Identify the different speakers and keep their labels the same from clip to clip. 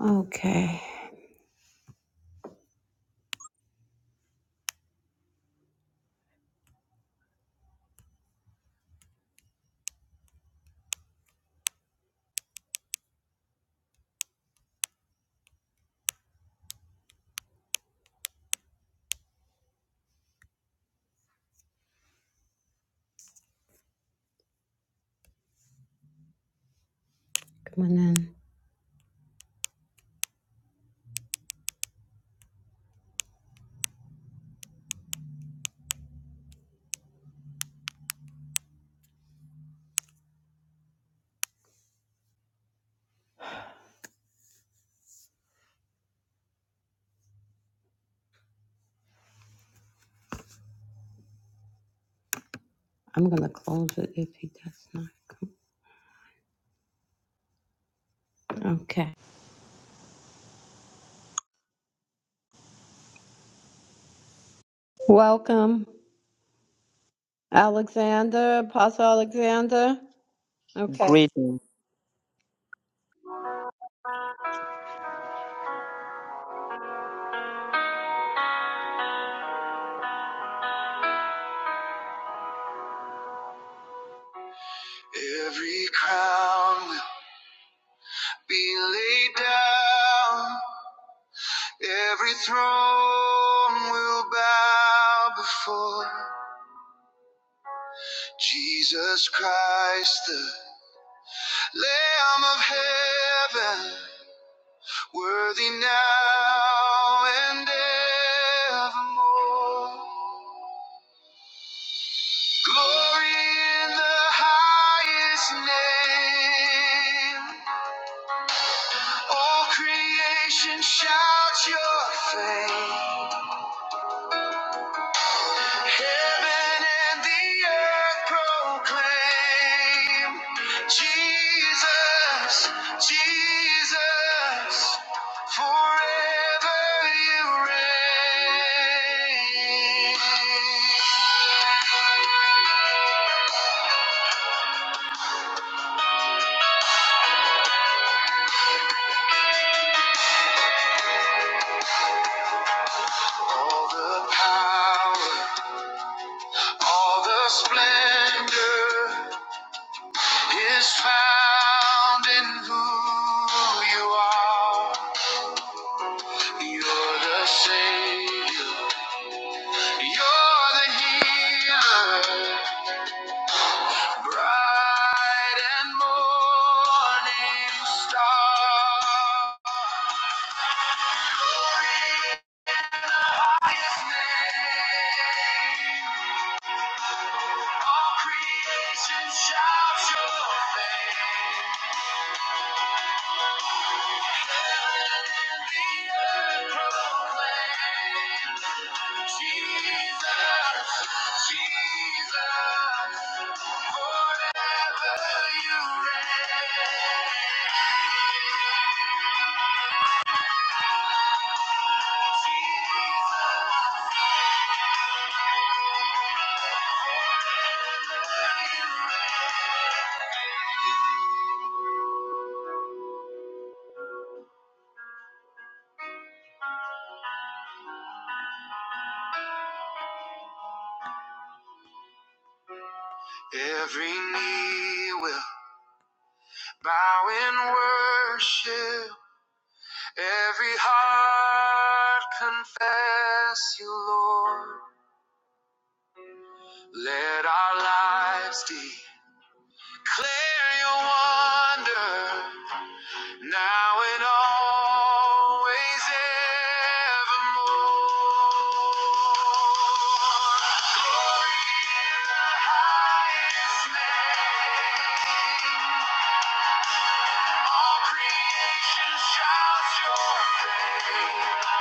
Speaker 1: Okay, come on in. I'm gonna close it if he does not. Come. Okay. Welcome, Alexander, Apostle Alexander. Okay.
Speaker 2: greeting. Every crown will be laid down. Every throne will bow before Jesus Christ, the Lamb of heaven, worthy now and evermore. Glory in the highest name. All creation shouts your fame. Heaven and the earth proclaim Jesus, Jesus, forever you reign. All the power, all the splendor. is found in who you are. You're the Savior. You're the healer. Bright and morning star. Glorious name. All creation shouts your fame. Every knee will bow in worship, every heart confess you, Lord. Let our lives declare your wonder. Now and always evermore. Glory in the highest name. All creation shouts your praise.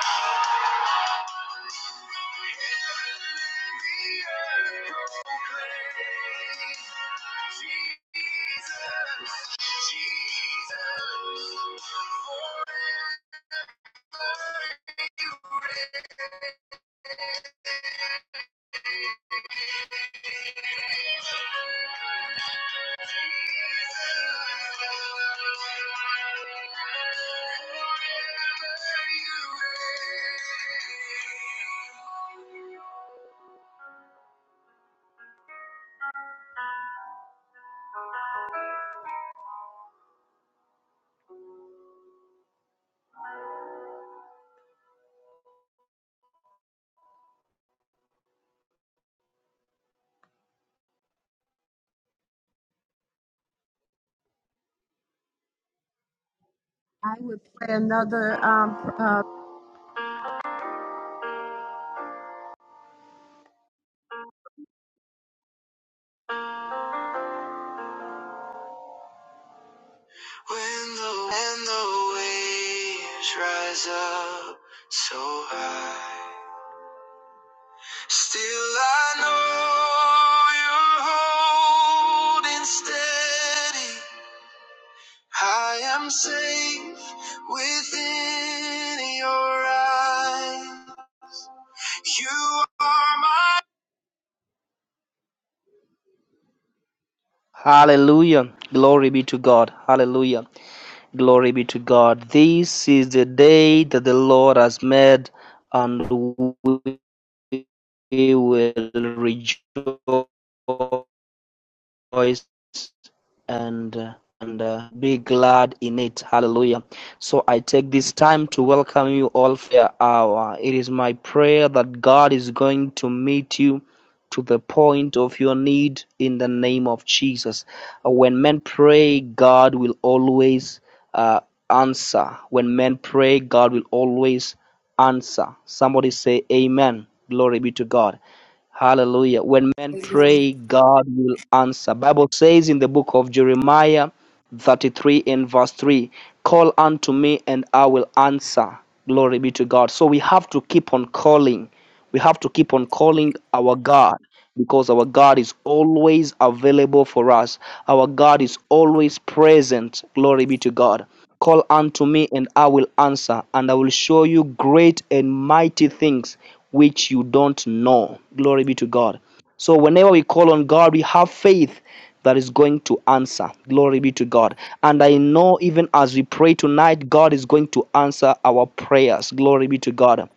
Speaker 2: Heaven and the earth proclaim. Jesus, Jesus. Lord.
Speaker 1: I would play another um pr- uh,
Speaker 2: When the when the waves rise up so high, still I know you're holding steady. I am safe within your eyes. You are my Hallelujah. Glory be to God. Hallelujah. Glory be to God. This is the day that the Lord has made, and we will rejoice and uh, and uh, be glad in it. Hallelujah. So I take this time to welcome you all for your hour. It is my prayer that God is going to meet you to the point of your need in the name of Jesus. Uh, When men pray, God will always uh, answer. When men pray, God will always answer. Somebody say, Amen. Glory be to God. Hallelujah. When men
Speaker 1: Amen.
Speaker 2: pray, God will answer. Bible says in the book of Jeremiah 33 in verse 3 call unto me and i will answer glory be to god so we have to keep on calling we have to keep on calling our god because our god is always available for us our god is always present glory be to god call unto me and i will answer and i will show you great and mighty things which you don't know glory be to god so whenever we call on God, we have faith that is going to answer. Glory be to God. And I know even as we pray tonight, God is going to answer our prayers. Glory be to God.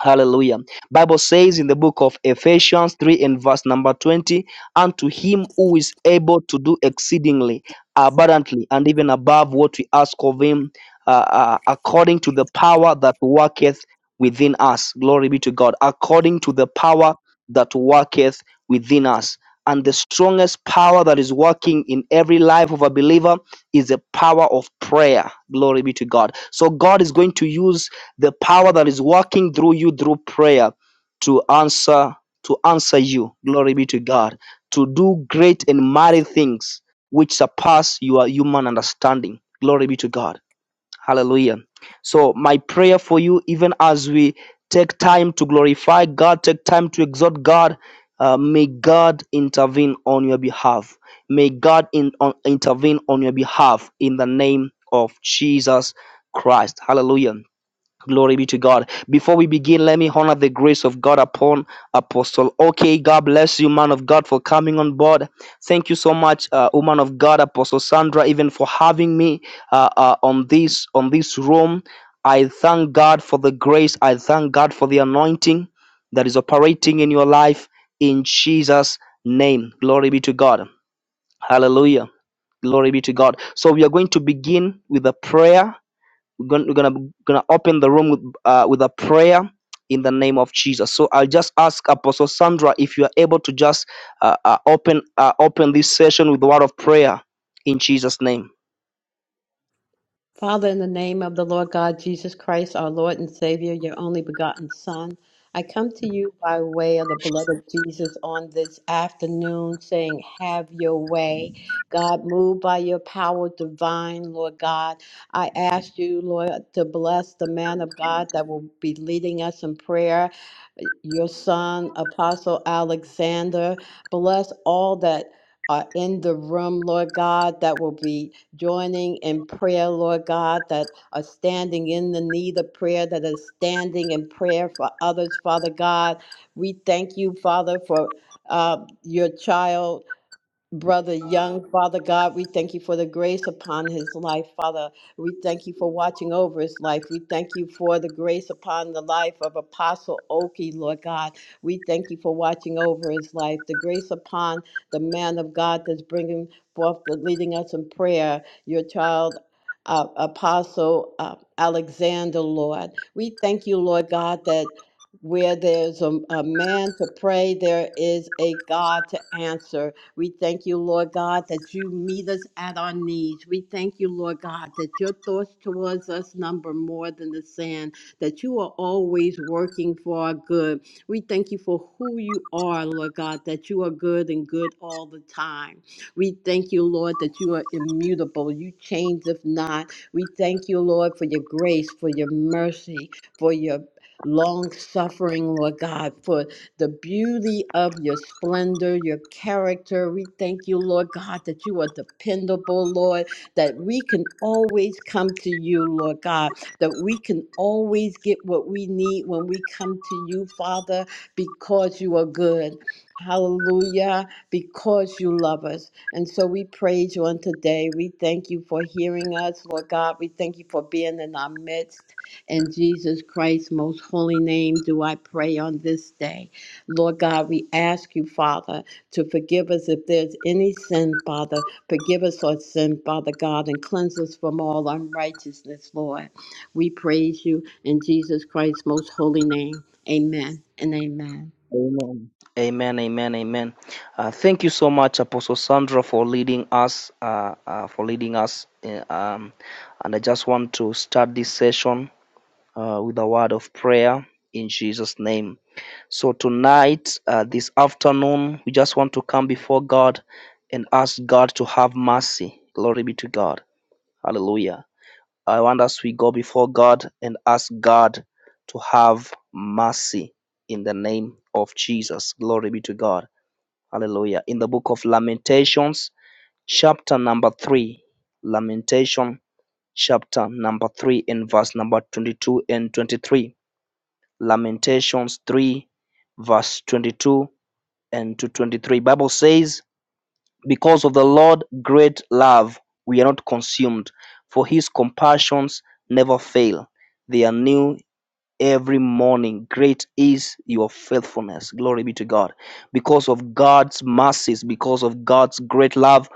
Speaker 2: Hallelujah. Bible says in the book of Ephesians 3 and verse number 20, unto him who is able to do exceedingly abundantly and even above what we ask of him uh, uh, according to the power that worketh within us. Glory be to God. According to the power that worketh within us. And the strongest power that is working in every life of a believer is the power of prayer. Glory be to God. So God is going to use the power that is working through you through prayer to answer to answer you glory be to god to do great and mighty things which surpass your human understanding glory be to god hallelujah so my prayer for you even as we take time to glorify god take time to exalt god uh, may god intervene on your behalf may god in, on, intervene on your behalf in the name of jesus christ hallelujah Glory be to God. Before we begin, let me honor the grace of God upon Apostle. Okay, God bless you, man of God, for coming on board. Thank you so much, uh, woman of God, Apostle Sandra, even for having me uh, uh, on this on this room. I thank God for the grace. I thank God for the anointing that is operating in your life in Jesus' name. Glory be to God. Hallelujah. Glory be to God. So we are going to begin with a prayer we're gonna we're gonna, gonna open the room with uh, with a prayer in the name of Jesus. So I'll just ask Apostle Sandra if you are able to just uh, uh, open uh, open this session with the word of prayer in Jesus' name.
Speaker 1: Father, in the name of the Lord God Jesus Christ, our Lord and Savior, your only begotten Son, I come to you by way of the blood of Jesus on this afternoon, saying, Have your way. God, move by your power divine, Lord God. I ask you, Lord, to bless the man of God that will be leading us in prayer, your son, Apostle Alexander. Bless all that are in the room, Lord God, that will be joining in prayer, Lord God, that are standing in the need of prayer, that are standing in prayer for others, Father God. We thank you, Father, for uh, your child. Brother Young, Father God, we thank you for the grace upon his life, Father. We thank you for watching over his life. We thank you for the grace upon the life of Apostle Oki, Lord God. We thank you for watching over his life. The grace upon the man of God that's bringing forth, the leading us in prayer, your child. Uh, Apostle uh, Alexander, Lord. We thank you, Lord God, that where there's a, a man to pray, there is a God to answer. We thank you, Lord God, that you meet us at our needs. We thank you, Lord God, that your thoughts towards us number more than the sand, that you are always working for our good. We thank you for who you are, Lord God, that you are good and good all the time. We thank you, Lord, that you are immutable. You change if not. We thank you, Lord, for your grace, for your mercy, for your long suffering, Lord God, for the beauty of your splendor, your character. We thank you, Lord God, that you are dependable, Lord, that we can always come to you, Lord God, that we can always get what we need when we come to you, Father, because you are good. Hallelujah, because you love us. And so we praise you on today. We thank you for hearing us, Lord God. We thank you for being in our midst. In Jesus Christ's most holy name do I pray on this day. Lord God, we ask you, Father, to forgive us if there's any sin, Father. Forgive us our sin, Father God, and cleanse us from all unrighteousness, Lord. We praise you in Jesus Christ's most holy name. Amen and amen.
Speaker 2: Amen. Amen. Amen. Amen. Uh, thank you so much, Apostle Sandra, for leading us. Uh, uh, for leading us. uh, um, and I just want to start this session uh, with a word of prayer in Jesus' name. So, tonight, uh, this afternoon, we just want to come before God and ask God to have mercy. Glory be to God. Hallelujah. I want us we go before God and ask God to have mercy in the name of Jesus. Glory be to God. Hallelujah. In the book of Lamentations, chapter number 3, Lamentation chapter number 3 and verse number 22 and 23. Lamentations 3 verse 22 and to 23. Bible says, because of the Lord great love, we are not consumed, for his compassions never fail. They are new every morning. Great is your faithfulness. Glory be to God. Because of God's mercies, because of God's great love,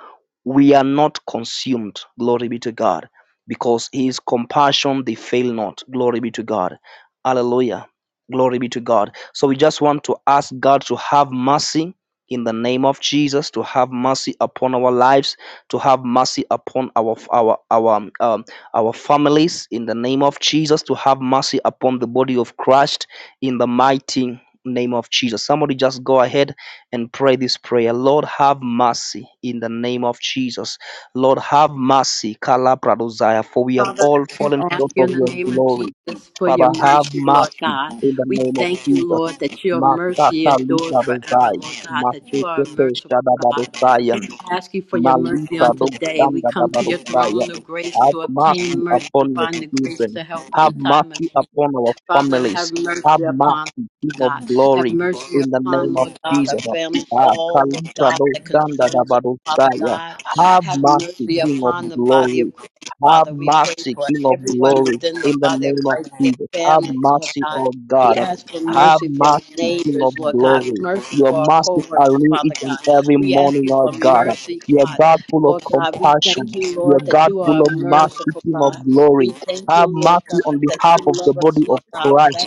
Speaker 2: we are not consumed. Glory be to God. Because his compassion, they fail not. Glory be to God. Hallelujah. Glory be to God. So we just want to ask God to have mercy in the name of Jesus, to have mercy upon our lives, to have mercy upon our our our um, our families in the name of Jesus to have mercy upon the body of Christ in the mighty name of Jesus. Somebody just go ahead and pray this prayer. Lord, have mercy in the name of Jesus. Lord, have mercy, Kala Pradozaya, for we have
Speaker 1: Father,
Speaker 2: all
Speaker 1: we
Speaker 2: fallen
Speaker 1: ask
Speaker 2: short
Speaker 1: you in
Speaker 2: of
Speaker 1: the
Speaker 2: your
Speaker 1: name of
Speaker 2: glory.
Speaker 1: Jesus for your
Speaker 2: Father, have
Speaker 1: mercy, Lord
Speaker 2: mercy
Speaker 1: God.
Speaker 2: in the
Speaker 1: We
Speaker 2: name of
Speaker 1: thank you,
Speaker 2: Jesus.
Speaker 1: Lord, that your mercy
Speaker 2: Makata
Speaker 1: endures forever,
Speaker 2: Lipradozai,
Speaker 1: Lord God, that you are a
Speaker 2: Makete
Speaker 1: merciful God.
Speaker 2: Shadabadozayan.
Speaker 1: ask you for your mercy on
Speaker 2: Malipado
Speaker 1: today. We come to your
Speaker 2: Sandadabadosaya.
Speaker 1: throne of grace
Speaker 2: Have
Speaker 1: to obtain
Speaker 2: mercy
Speaker 1: mercy and
Speaker 2: upon your
Speaker 1: find the grace
Speaker 2: children.
Speaker 1: to help in
Speaker 2: Have
Speaker 1: the time of
Speaker 2: mercy
Speaker 1: need.
Speaker 2: upon our
Speaker 1: Father, have
Speaker 2: families. Have
Speaker 1: mercy upon
Speaker 2: mercy, King
Speaker 1: us,
Speaker 2: of
Speaker 1: God. Have
Speaker 2: glory,
Speaker 1: mercy
Speaker 2: in the
Speaker 1: upon,
Speaker 2: name of
Speaker 1: Lord God, our
Speaker 2: Jesus.
Speaker 1: family,
Speaker 2: Ah,
Speaker 1: all, Lord God,
Speaker 2: Kaliprado
Speaker 1: that concerns us, Father
Speaker 2: Sandadabadosaya.
Speaker 1: God.
Speaker 2: Have
Speaker 1: Have
Speaker 2: mercy,
Speaker 1: mercy
Speaker 2: King of
Speaker 1: upon the body
Speaker 2: glory.
Speaker 1: of Christ,
Speaker 2: Have
Speaker 1: Father. We pray
Speaker 2: mercy,
Speaker 1: for
Speaker 2: King of
Speaker 1: everyone
Speaker 2: glory,
Speaker 1: within the
Speaker 2: in the
Speaker 1: body of
Speaker 2: name of
Speaker 1: Christ, their
Speaker 2: Jesus. Have
Speaker 1: families, Lord
Speaker 2: mercy,
Speaker 1: God.
Speaker 2: O
Speaker 1: We
Speaker 2: God.
Speaker 1: ask for
Speaker 2: Have
Speaker 1: mercy for our
Speaker 2: mercy, King of
Speaker 1: neighbors, Lord God,
Speaker 2: glory.
Speaker 1: mercy
Speaker 2: Your
Speaker 1: for our co
Speaker 2: mercies are
Speaker 1: workers,
Speaker 2: new each
Speaker 1: Father
Speaker 2: and
Speaker 1: God.
Speaker 2: every
Speaker 1: We ask
Speaker 2: morning,
Speaker 1: you
Speaker 2: O
Speaker 1: for
Speaker 2: God.
Speaker 1: mercy,
Speaker 2: You are
Speaker 1: God.
Speaker 2: God full of
Speaker 1: Lord God, we thank
Speaker 2: compassion.
Speaker 1: you,
Speaker 2: You are
Speaker 1: Lord, that
Speaker 2: God
Speaker 1: you
Speaker 2: full
Speaker 1: are
Speaker 2: of
Speaker 1: a
Speaker 2: mercy,
Speaker 1: merciful
Speaker 2: King of
Speaker 1: God. We
Speaker 2: glory.
Speaker 1: thank you,
Speaker 2: Have
Speaker 1: Lord
Speaker 2: mercy
Speaker 1: God,
Speaker 2: on
Speaker 1: that
Speaker 2: behalf
Speaker 1: you
Speaker 2: of the
Speaker 1: love us,
Speaker 2: body of
Speaker 1: Lord God, with
Speaker 2: Christ.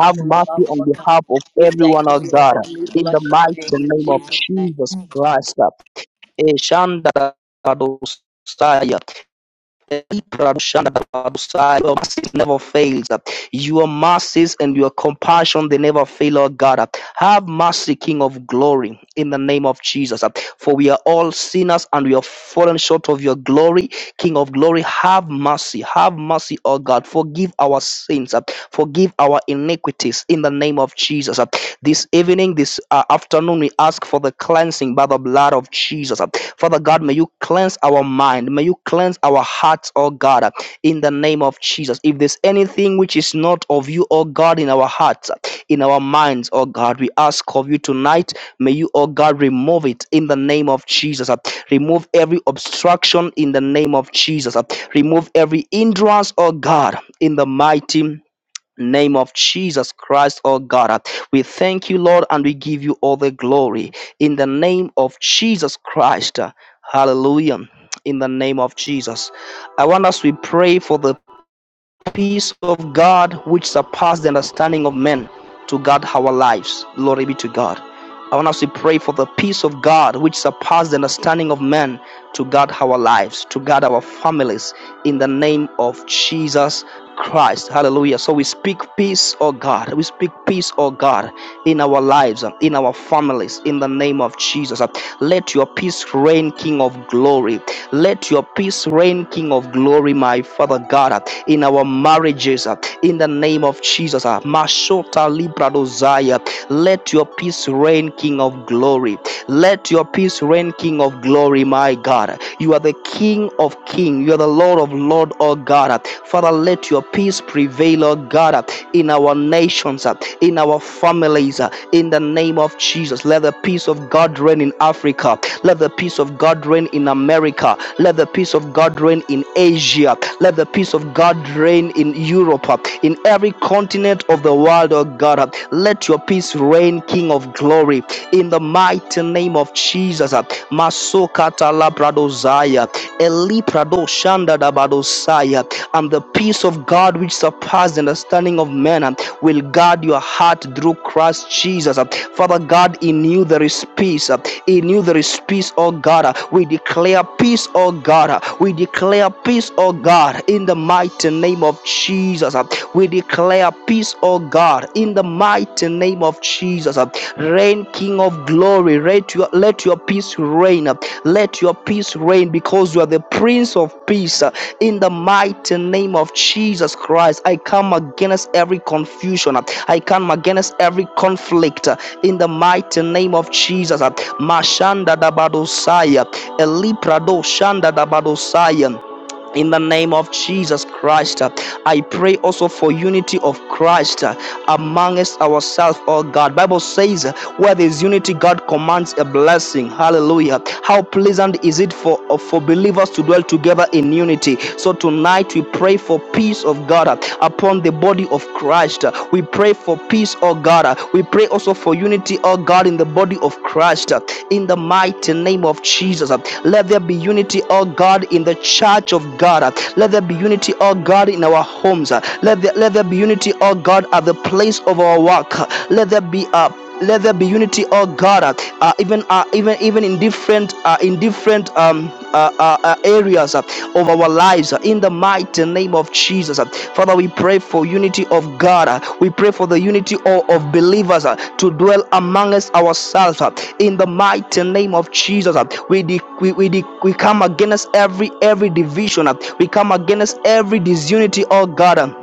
Speaker 2: Have mercy
Speaker 1: love,
Speaker 2: on
Speaker 1: Lord God.
Speaker 2: behalf of
Speaker 1: We thank
Speaker 2: everyone, oh
Speaker 1: you,
Speaker 2: God.
Speaker 1: Lord, and we
Speaker 2: In the
Speaker 1: bless your
Speaker 2: mighty
Speaker 1: name in
Speaker 2: name of
Speaker 1: Jesus' name.
Speaker 2: Jesus Christ. Eh, Shanda Kadosaya. Your mercy never fails. Your mercies and your compassion, they never fail, oh God. Have mercy, King of glory, in the name of Jesus. For we are all sinners and we have fallen short of your glory. King of glory, have mercy. Have mercy, oh God. Forgive our sins. Forgive our iniquities in the name of Jesus. This evening, this uh, afternoon, we ask for the cleansing by the blood of Jesus. Father God, may you cleanse our mind. May you cleanse our hearts, oh God, in the name of Jesus. If there's anything which is not of you, oh God, in our hearts, in our minds, oh God, we ask of you tonight. May you, oh God, remove it in the name of Jesus. Remove every obstruction in the name of Jesus. Remove every hindrance, oh God, in the mighty name of Jesus Christ, oh God. We thank you, Lord, and we give you all the glory in the name of Jesus Christ. Hallelujah. In the name of Jesus. I want us to pray for the peace of God which surpasses the understanding of men to guard our lives. Glory be to God. I want us to pray for the peace of God which surpasses the understanding of men to guard our lives, to guard our families in the name of Jesus Christ. Hallelujah. So we speak peace, oh God. We speak peace, oh God, in our lives, uh, in our families, in the name of Jesus. Uh, Let your peace reign, King of glory. Let your peace reign, King of glory, my Father God in our marriages uh, in the name of Jesus. uh, Mashota Libra Dosaya. Let your peace reign, King of glory. Let your peace reign, King of glory, my God. You are the King of kings. You are the Lord of lords, oh God. Father, let your peace prevail, oh God in our nations, uh, in our families, uh, in the name of Jesus. Let the peace of God reign in Africa. Let the peace of God reign in America. Let the peace of God reign in Asia. Let the peace of God reign in Europe, uh, in every continent of the world, oh God. uh, Let your peace reign, King of glory, in the mighty name of Jesus. uh, Masokata labradozaya, Eliprado shanda dabadosaya, and the peace of God which surpasses the understanding of men um, will guard your heart through Christ Jesus. um. Father God, in you there is peace. um. In you there is peace, oh God. uh. We declare peace, oh God. uh. We declare peace, oh God, in the mighty name of Jesus. um. We declare peace, oh God, in the mighty name of Jesus. um. Reign, King of glory, let your, let your peace reign. Uh, let your peace reign because you are the Prince of Peace. Uh, In the mighty name of Jesus Christ, I come against every confusion. Uh, I come against every conflict. Uh, In the mighty name of Jesus. uh, Mashanda da Badosaya, Eliprado Shanda da Badosaya in the name of Jesus Christ. I pray also for unity of Christ uh, amongst ourselves, oh God. Bible says uh, where there is unity, God commands a blessing. Hallelujah. How pleasant is it for, uh, for believers to dwell together in unity. So tonight we pray for peace of God uh, upon the body of Christ. We pray for peace oh God. Uh, We pray also for unity, oh God, in the body of Christ, uh, in the mighty name of Jesus. Uh, Let there be unity, oh God, in the church of God. Uh, Let there be unity, oh God, in our homes. Uh, Let there, let there be unity, oh God, at the place of our work. Uh, Let there be a let there be unity oh god uh, uh, even uh, even even in different uh, in different um uh, uh, uh, areas uh, of our lives uh, in the mighty name of jesus uh. father we pray for unity of god uh. we pray for the unity of, of believers uh, to dwell amongst ourselves uh, in the mighty name of jesus uh. we, de- we we de- we come against every every division uh. we come against every disunity oh god uh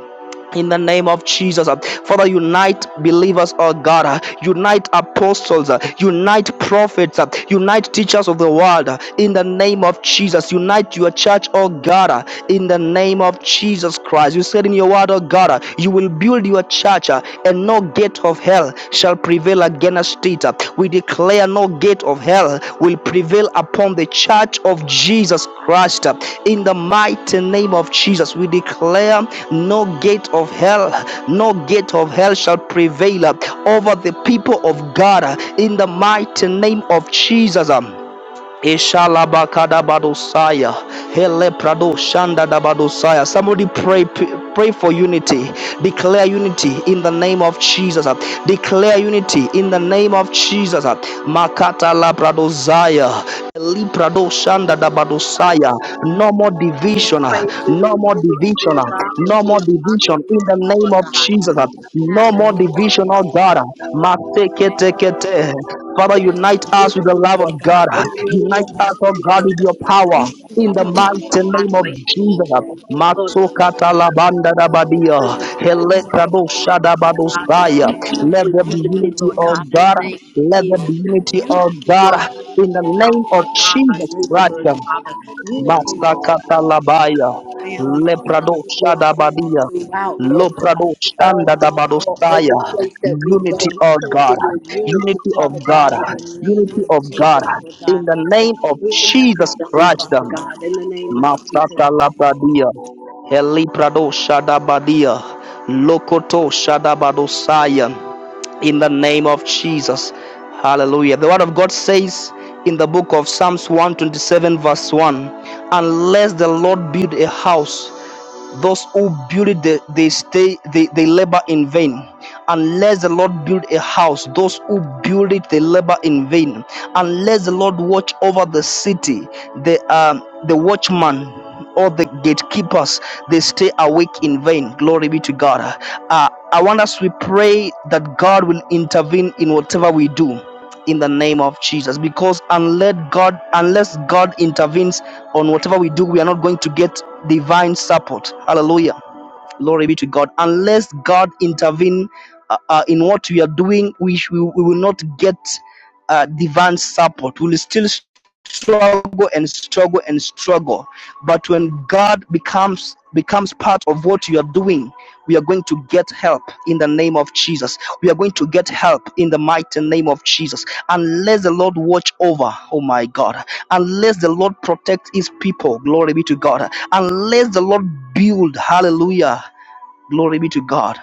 Speaker 2: in the name of Jesus. uh, Father, unite believers, oh God. uh, Unite apostles. uh, Unite prophets. uh, Unite teachers of the world. uh, In the name of Jesus. Unite your church, oh God. uh, In the name of Jesus Christ. You said in your word, oh God, uh, you will build your church uh, and no gate of hell shall prevail against it. We declare no gate of hell will prevail upon the church of Jesus Christ. In the mighty name of Jesus, we declare no gate of hell, no gate of hell shall prevail over the people of God. In the mighty name of Jesus. Ishalabakadabadosaya. Helepradoshanda-dabadosaya. Somebody pray, pray for unity. Declare unity in the name of Jesus. Declare unity in the name of Jesus. Makata labradosaya. Librado
Speaker 1: God,
Speaker 2: Dabadosaya. No more
Speaker 1: we
Speaker 2: division. ah.
Speaker 1: pray for your
Speaker 2: No more
Speaker 1: unity,
Speaker 2: division.
Speaker 1: Lord
Speaker 2: ah.
Speaker 1: God,
Speaker 2: No
Speaker 1: within
Speaker 2: more
Speaker 1: the body
Speaker 2: division.
Speaker 1: of
Speaker 2: In the
Speaker 1: Christ,
Speaker 2: name
Speaker 1: Lord
Speaker 2: of
Speaker 1: God.
Speaker 2: Jesus. ah. No
Speaker 1: Ask
Speaker 2: more
Speaker 1: you, Lord
Speaker 2: division,
Speaker 1: God,
Speaker 2: oh God.
Speaker 1: man, that
Speaker 2: Mateketekete. Father,
Speaker 1: we ask
Speaker 2: unite
Speaker 1: for
Speaker 2: us with the
Speaker 1: unity,
Speaker 2: love
Speaker 1: Lord
Speaker 2: of
Speaker 1: God,
Speaker 2: God.
Speaker 1: in
Speaker 2: ah.
Speaker 1: the name
Speaker 2: Unite us, oh
Speaker 1: of Jesus,
Speaker 2: God,
Speaker 1: Lord
Speaker 2: with your
Speaker 1: God. We
Speaker 2: power in
Speaker 1: thank
Speaker 2: the
Speaker 1: you,
Speaker 2: mighty
Speaker 1: Father God,
Speaker 2: name
Speaker 1: for
Speaker 2: of Jesus.
Speaker 1: Lord God,
Speaker 2: Matsukata labanda
Speaker 1: for
Speaker 2: dabadia,
Speaker 1: this is in your
Speaker 2: helekrabo
Speaker 1: God.
Speaker 2: shadabadosaya.
Speaker 1: We ask
Speaker 2: Let
Speaker 1: for
Speaker 2: there be
Speaker 1: unity,
Speaker 2: unity,
Speaker 1: Lord
Speaker 2: O
Speaker 1: God, in the
Speaker 2: God.
Speaker 1: name of
Speaker 2: Let there be
Speaker 1: Jesus.
Speaker 2: unity, O
Speaker 1: Unity,
Speaker 2: God.
Speaker 1: Lord God,
Speaker 2: In the name
Speaker 1: throughout,
Speaker 2: of
Speaker 1: Lord God, our
Speaker 2: Jesus Christ,
Speaker 1: neighborhoods, Father. Unity, Lord
Speaker 2: Matsakata
Speaker 1: God, throughout our
Speaker 2: labaya,
Speaker 1: families.
Speaker 2: leprado
Speaker 1: Unity, Lord
Speaker 2: shadabadia.
Speaker 1: God, throughout, Lord God,
Speaker 2: Loprado
Speaker 1: all
Speaker 2: Shanda
Speaker 1: that, all, every
Speaker 2: Dabadosaya,
Speaker 1: place that we go.
Speaker 2: unity
Speaker 1: We
Speaker 2: of
Speaker 1: pray for
Speaker 2: God,
Speaker 1: your unity,
Speaker 2: unity of
Speaker 1: Father
Speaker 2: God,
Speaker 1: God, in the name
Speaker 2: unity
Speaker 1: of
Speaker 2: of God,
Speaker 1: Jesus, Lord
Speaker 2: in
Speaker 1: God,
Speaker 2: the name
Speaker 1: that your
Speaker 2: of
Speaker 1: will may
Speaker 2: Jesus
Speaker 1: be done,
Speaker 2: Christ.
Speaker 1: Father God, in the name of
Speaker 2: Masata Labradia, Eliprado Shadabadia, Lokoto Shadabadosaya, in the name of Jesus. Hallelujah. The word of God says in the book of Psalms 127, verse 1 Unless the Lord build a house, those who build it they, stay they, they labor in vain unless the lord build a house those who build it they labor in vain unless the lord watch over the city the um the watchman or the gatekeepers they stay awake in vain glory be to god uh, i want us to pray that god will intervene in whatever we do in the name of Jesus. Because unless God, unless God intervenes on whatever we do, we are not going to get divine support. Hallelujah. Glory be to God. Unless God intervene uh, uh, in what we are doing, we, we, we will not get uh, divine support. We'll still struggle and struggle and struggle. But when God becomes becomes part of what you are doing, we are going to get help in the name of Jesus. We are going to get help in the mighty name of Jesus. Unless the Lord watch over, oh my God. Unless the Lord protect his people, glory be to God. Unless the Lord build, hallelujah. Glory be to God.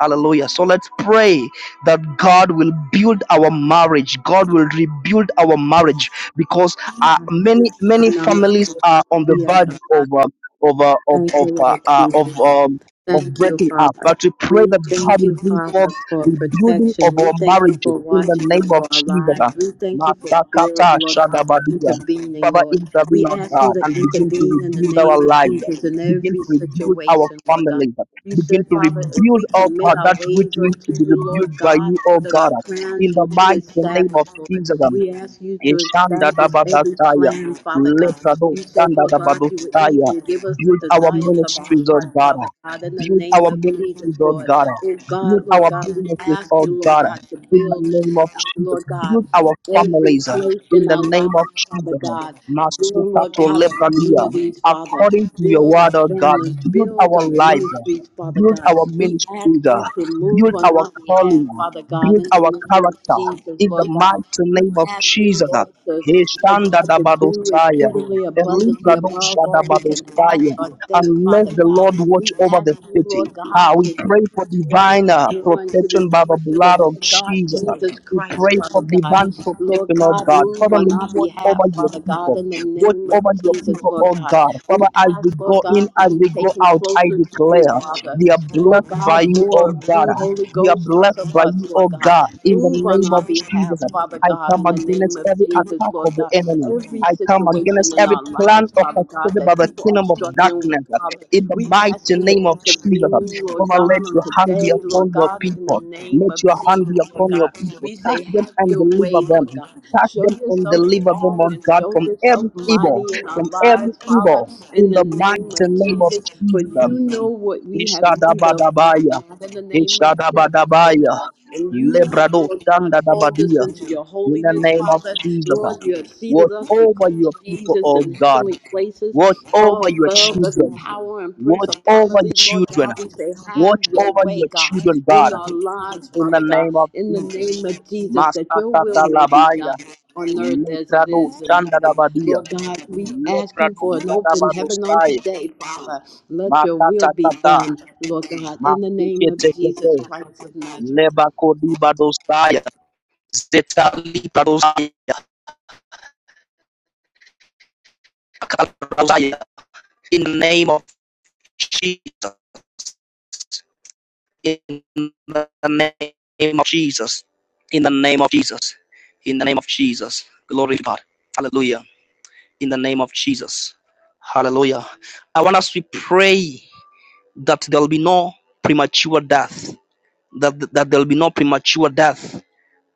Speaker 2: Hallelujah. So let's pray that God will build our marriage. God will rebuild our marriage because uh, many many families are on the verge
Speaker 1: Jesus.
Speaker 2: of uh, of uh, of
Speaker 1: Thank
Speaker 2: of
Speaker 1: you,
Speaker 2: uh,
Speaker 1: Lord
Speaker 2: uh, of
Speaker 1: Jesus.
Speaker 2: um, of
Speaker 1: Thank you,
Speaker 2: breaking up.
Speaker 1: Father.
Speaker 2: But we pray
Speaker 1: We
Speaker 2: that God
Speaker 1: thank
Speaker 2: will
Speaker 1: you,
Speaker 2: bring
Speaker 1: Father,
Speaker 2: forth
Speaker 1: for
Speaker 2: rebuilding
Speaker 1: protection.
Speaker 2: of
Speaker 1: We
Speaker 2: our
Speaker 1: thank you
Speaker 2: marriages
Speaker 1: for
Speaker 2: in the
Speaker 1: watching
Speaker 2: name
Speaker 1: over
Speaker 2: of
Speaker 1: our
Speaker 2: Jesus.
Speaker 1: lives. We thank you for build,
Speaker 2: Matakata
Speaker 1: Lord God, for
Speaker 2: shadabadia.
Speaker 1: intervening,
Speaker 2: Father,
Speaker 1: Lord.
Speaker 2: intervene,
Speaker 1: We
Speaker 2: our
Speaker 1: ask you
Speaker 2: God,
Speaker 1: to
Speaker 2: and begin to
Speaker 1: intervene in the
Speaker 2: rebuild our
Speaker 1: name of
Speaker 2: lives
Speaker 1: Jesus in
Speaker 2: begin to
Speaker 1: every
Speaker 2: rebuild our
Speaker 1: situation, Lord God.
Speaker 2: families.
Speaker 1: You
Speaker 2: Begin
Speaker 1: said,
Speaker 2: to
Speaker 1: Father, if
Speaker 2: rebuild,
Speaker 1: we
Speaker 2: oh
Speaker 1: commit
Speaker 2: God,
Speaker 1: our
Speaker 2: that which
Speaker 1: ways
Speaker 2: needs to
Speaker 1: unto
Speaker 2: be
Speaker 1: you, Lord
Speaker 2: rebuilt by you,
Speaker 1: God,
Speaker 2: oh
Speaker 1: that
Speaker 2: God,
Speaker 1: our
Speaker 2: in
Speaker 1: plans
Speaker 2: the
Speaker 1: will be
Speaker 2: mighty name of
Speaker 1: established, Lord.
Speaker 2: Jesus. um,
Speaker 1: We ask you to
Speaker 2: Ishanda
Speaker 1: establish every
Speaker 2: Dabadasaya.
Speaker 1: plan, Father God.
Speaker 2: Leprado
Speaker 1: You said,
Speaker 2: Shanda
Speaker 1: Lord God, you would
Speaker 2: Dabadosaya.
Speaker 1: even give us the
Speaker 2: Build our
Speaker 1: desires of our
Speaker 2: ministries, oh
Speaker 1: heart,
Speaker 2: God.
Speaker 1: Father God, in the
Speaker 2: Build
Speaker 1: name
Speaker 2: our
Speaker 1: of
Speaker 2: ministries,
Speaker 1: Jesus,
Speaker 2: oh
Speaker 1: Lord.
Speaker 2: God.
Speaker 1: Oh
Speaker 2: Build
Speaker 1: God,
Speaker 2: our
Speaker 1: Lord God, we
Speaker 2: businesses,
Speaker 1: ask
Speaker 2: oh
Speaker 1: you, Lord
Speaker 2: God.
Speaker 1: God, to
Speaker 2: In the
Speaker 1: build,
Speaker 2: name of
Speaker 1: uh,
Speaker 2: Jesus.
Speaker 1: Lord God,
Speaker 2: Build our
Speaker 1: every
Speaker 2: families. uh,
Speaker 1: place
Speaker 2: In
Speaker 1: in
Speaker 2: the
Speaker 1: our life
Speaker 2: name
Speaker 1: lives,
Speaker 2: of
Speaker 1: Father
Speaker 2: Jesus.
Speaker 1: God. Build,
Speaker 2: Masuka
Speaker 1: Lord
Speaker 2: to
Speaker 1: God, our
Speaker 2: Lepradia.
Speaker 1: communities, Father.
Speaker 2: According to your
Speaker 1: Build our
Speaker 2: word, oh God,
Speaker 1: families.
Speaker 2: build
Speaker 1: Build our
Speaker 2: our life. uh,
Speaker 1: ministries, Father
Speaker 2: Build
Speaker 1: God.
Speaker 2: our
Speaker 1: We ask
Speaker 2: ministries.
Speaker 1: you
Speaker 2: uh,
Speaker 1: to move
Speaker 2: Build
Speaker 1: on
Speaker 2: our
Speaker 1: our behalf,
Speaker 2: calling. uh,
Speaker 1: Father God,
Speaker 2: Build
Speaker 1: in
Speaker 2: our
Speaker 1: the name of
Speaker 2: character
Speaker 1: Jesus,
Speaker 2: in the
Speaker 1: Lord
Speaker 2: mighty
Speaker 1: God. We
Speaker 2: name of
Speaker 1: ask you,
Speaker 2: Jesus.
Speaker 1: Lord, to,
Speaker 2: He
Speaker 1: Lord
Speaker 2: Heshanda
Speaker 1: God,
Speaker 2: da
Speaker 1: to do
Speaker 2: badosaya,
Speaker 1: exceedingly
Speaker 2: Elibra
Speaker 1: abundantly
Speaker 2: dosha
Speaker 1: above
Speaker 2: da
Speaker 1: all we can ask
Speaker 2: badosaya.
Speaker 1: or think,
Speaker 2: Unless
Speaker 1: Father
Speaker 2: the
Speaker 1: God.
Speaker 2: Lord watch
Speaker 1: We
Speaker 2: over
Speaker 1: ask
Speaker 2: the
Speaker 1: you,
Speaker 2: city,
Speaker 1: Lord God,
Speaker 2: ah, we
Speaker 1: to
Speaker 2: pray for
Speaker 1: transform
Speaker 2: divine uh,
Speaker 1: you to
Speaker 2: protection
Speaker 1: the
Speaker 2: by the
Speaker 1: image of the
Speaker 2: blood of
Speaker 1: Lord God,
Speaker 2: Jesus.
Speaker 1: Jesus
Speaker 2: We
Speaker 1: Christ,
Speaker 2: pray for
Speaker 1: Father God.
Speaker 2: divine
Speaker 1: Lord
Speaker 2: protection, oh
Speaker 1: God,
Speaker 2: God.
Speaker 1: move
Speaker 2: Father,
Speaker 1: on
Speaker 2: may you
Speaker 1: our
Speaker 2: watch
Speaker 1: behalf,
Speaker 2: over your
Speaker 1: Father God,
Speaker 2: people.
Speaker 1: in the
Speaker 2: Watch
Speaker 1: name of
Speaker 2: over your
Speaker 1: Jesus,
Speaker 2: people,
Speaker 1: Lord
Speaker 2: oh
Speaker 1: God.
Speaker 2: God.
Speaker 1: We
Speaker 2: Father, as they
Speaker 1: ask, Lord
Speaker 2: go in,
Speaker 1: God, to
Speaker 2: as
Speaker 1: be
Speaker 2: they go
Speaker 1: taken
Speaker 2: out, I
Speaker 1: closer to you,
Speaker 2: declare
Speaker 1: Father.
Speaker 2: they are blessed
Speaker 1: Lord
Speaker 2: by
Speaker 1: God,
Speaker 2: you,
Speaker 1: more
Speaker 2: oh
Speaker 1: of
Speaker 2: God.
Speaker 1: you, Holy
Speaker 2: We are
Speaker 1: Ghost, less
Speaker 2: blessed
Speaker 1: of
Speaker 2: by
Speaker 1: us,
Speaker 2: you,
Speaker 1: Lord
Speaker 2: oh
Speaker 1: God.
Speaker 2: God, in the
Speaker 1: Move on
Speaker 2: name
Speaker 1: our
Speaker 2: of
Speaker 1: behalf,
Speaker 2: Jesus.
Speaker 1: Father
Speaker 2: I
Speaker 1: God,
Speaker 2: come
Speaker 1: in the name
Speaker 2: against
Speaker 1: of
Speaker 2: every
Speaker 1: Jesus,
Speaker 2: attack
Speaker 1: Lord
Speaker 2: of the
Speaker 1: God.
Speaker 2: enemy.
Speaker 1: Every
Speaker 2: I come
Speaker 1: situation
Speaker 2: against
Speaker 1: in
Speaker 2: every
Speaker 1: our
Speaker 2: plan
Speaker 1: lives, Father God,
Speaker 2: orchestrated
Speaker 1: that
Speaker 2: by the
Speaker 1: people are
Speaker 2: kingdom of
Speaker 1: struggling with,
Speaker 2: darkness.
Speaker 1: Father.
Speaker 2: In the
Speaker 1: We
Speaker 2: mighty
Speaker 1: ask you to
Speaker 2: name of Jesus,
Speaker 1: intervene, Lord
Speaker 2: Father, let
Speaker 1: God, on
Speaker 2: your hand be
Speaker 1: today, Lord
Speaker 2: upon your
Speaker 1: God, in the
Speaker 2: people.
Speaker 1: name
Speaker 2: Let
Speaker 1: of
Speaker 2: your hand
Speaker 1: Jesus,
Speaker 2: be
Speaker 1: Lord
Speaker 2: upon your
Speaker 1: God.
Speaker 2: people.
Speaker 1: We say,
Speaker 2: Touch them
Speaker 1: have
Speaker 2: and
Speaker 1: your
Speaker 2: deliver
Speaker 1: way,
Speaker 2: them.
Speaker 1: Lord God.
Speaker 2: Touch
Speaker 1: Show
Speaker 2: them and
Speaker 1: yourself
Speaker 2: deliver them,
Speaker 1: strong
Speaker 2: oh
Speaker 1: and
Speaker 2: God,
Speaker 1: show
Speaker 2: from
Speaker 1: yourself
Speaker 2: every evil,
Speaker 1: mighty in our
Speaker 2: from every
Speaker 1: lives, Father,
Speaker 2: evil.
Speaker 1: in
Speaker 2: In
Speaker 1: the
Speaker 2: the
Speaker 1: name
Speaker 2: mighty
Speaker 1: of
Speaker 2: name of
Speaker 1: Jesus. For
Speaker 2: Jesus.
Speaker 1: you know what we have need of, Father
Speaker 2: Ishadabadabaya.
Speaker 1: God, in the name of Jesus, Lord God.
Speaker 2: Ishadabadabaya.
Speaker 1: And you have,
Speaker 2: Lebrado
Speaker 1: Lord God, called us
Speaker 2: Shandadabadia.
Speaker 1: into your
Speaker 2: In the
Speaker 1: holiness,
Speaker 2: name of
Speaker 1: Father.
Speaker 2: Jesus.
Speaker 1: Lord, you have seated
Speaker 2: Watch
Speaker 1: us with
Speaker 2: over your
Speaker 1: Christ
Speaker 2: people,
Speaker 1: Jesus
Speaker 2: oh
Speaker 1: in
Speaker 2: God.
Speaker 1: heavenly places
Speaker 2: Watch
Speaker 1: far
Speaker 2: over your
Speaker 1: above every
Speaker 2: children.
Speaker 1: power and
Speaker 2: Watch over your
Speaker 1: principality, Lord
Speaker 2: children.
Speaker 1: God. We say, have
Speaker 2: Watch
Speaker 1: your
Speaker 2: over
Speaker 1: way,
Speaker 2: your
Speaker 1: God,
Speaker 2: children,
Speaker 1: in
Speaker 2: God.
Speaker 1: our lives,
Speaker 2: In the
Speaker 1: Father God,
Speaker 2: name of
Speaker 1: in the
Speaker 2: Jesus.
Speaker 1: name of Jesus, that your will
Speaker 2: Masakata
Speaker 1: may be done
Speaker 2: Labaya.
Speaker 1: on earth as it
Speaker 2: Lebrado
Speaker 1: is in heaven.
Speaker 2: Shandadabadia.
Speaker 1: Lord God, we ask you
Speaker 2: Lebrado
Speaker 1: for an open heaven on
Speaker 2: Shandabadosaya.
Speaker 1: today, Father. Let your will
Speaker 2: Makata
Speaker 1: be
Speaker 2: Kata.
Speaker 1: done, Lord God, in the name of Jesus Christ of Nazareth.
Speaker 2: Nebakodibadosia, Zetalibadosia, Kalabadosia, In the name of Jesus. In the name of Jesus. In the name of Jesus. In the name of Jesus. Glory to God. Hallelujah. In the name of Jesus. Hallelujah. I want us to pray that there'll be no premature death. That, that there'll be no premature death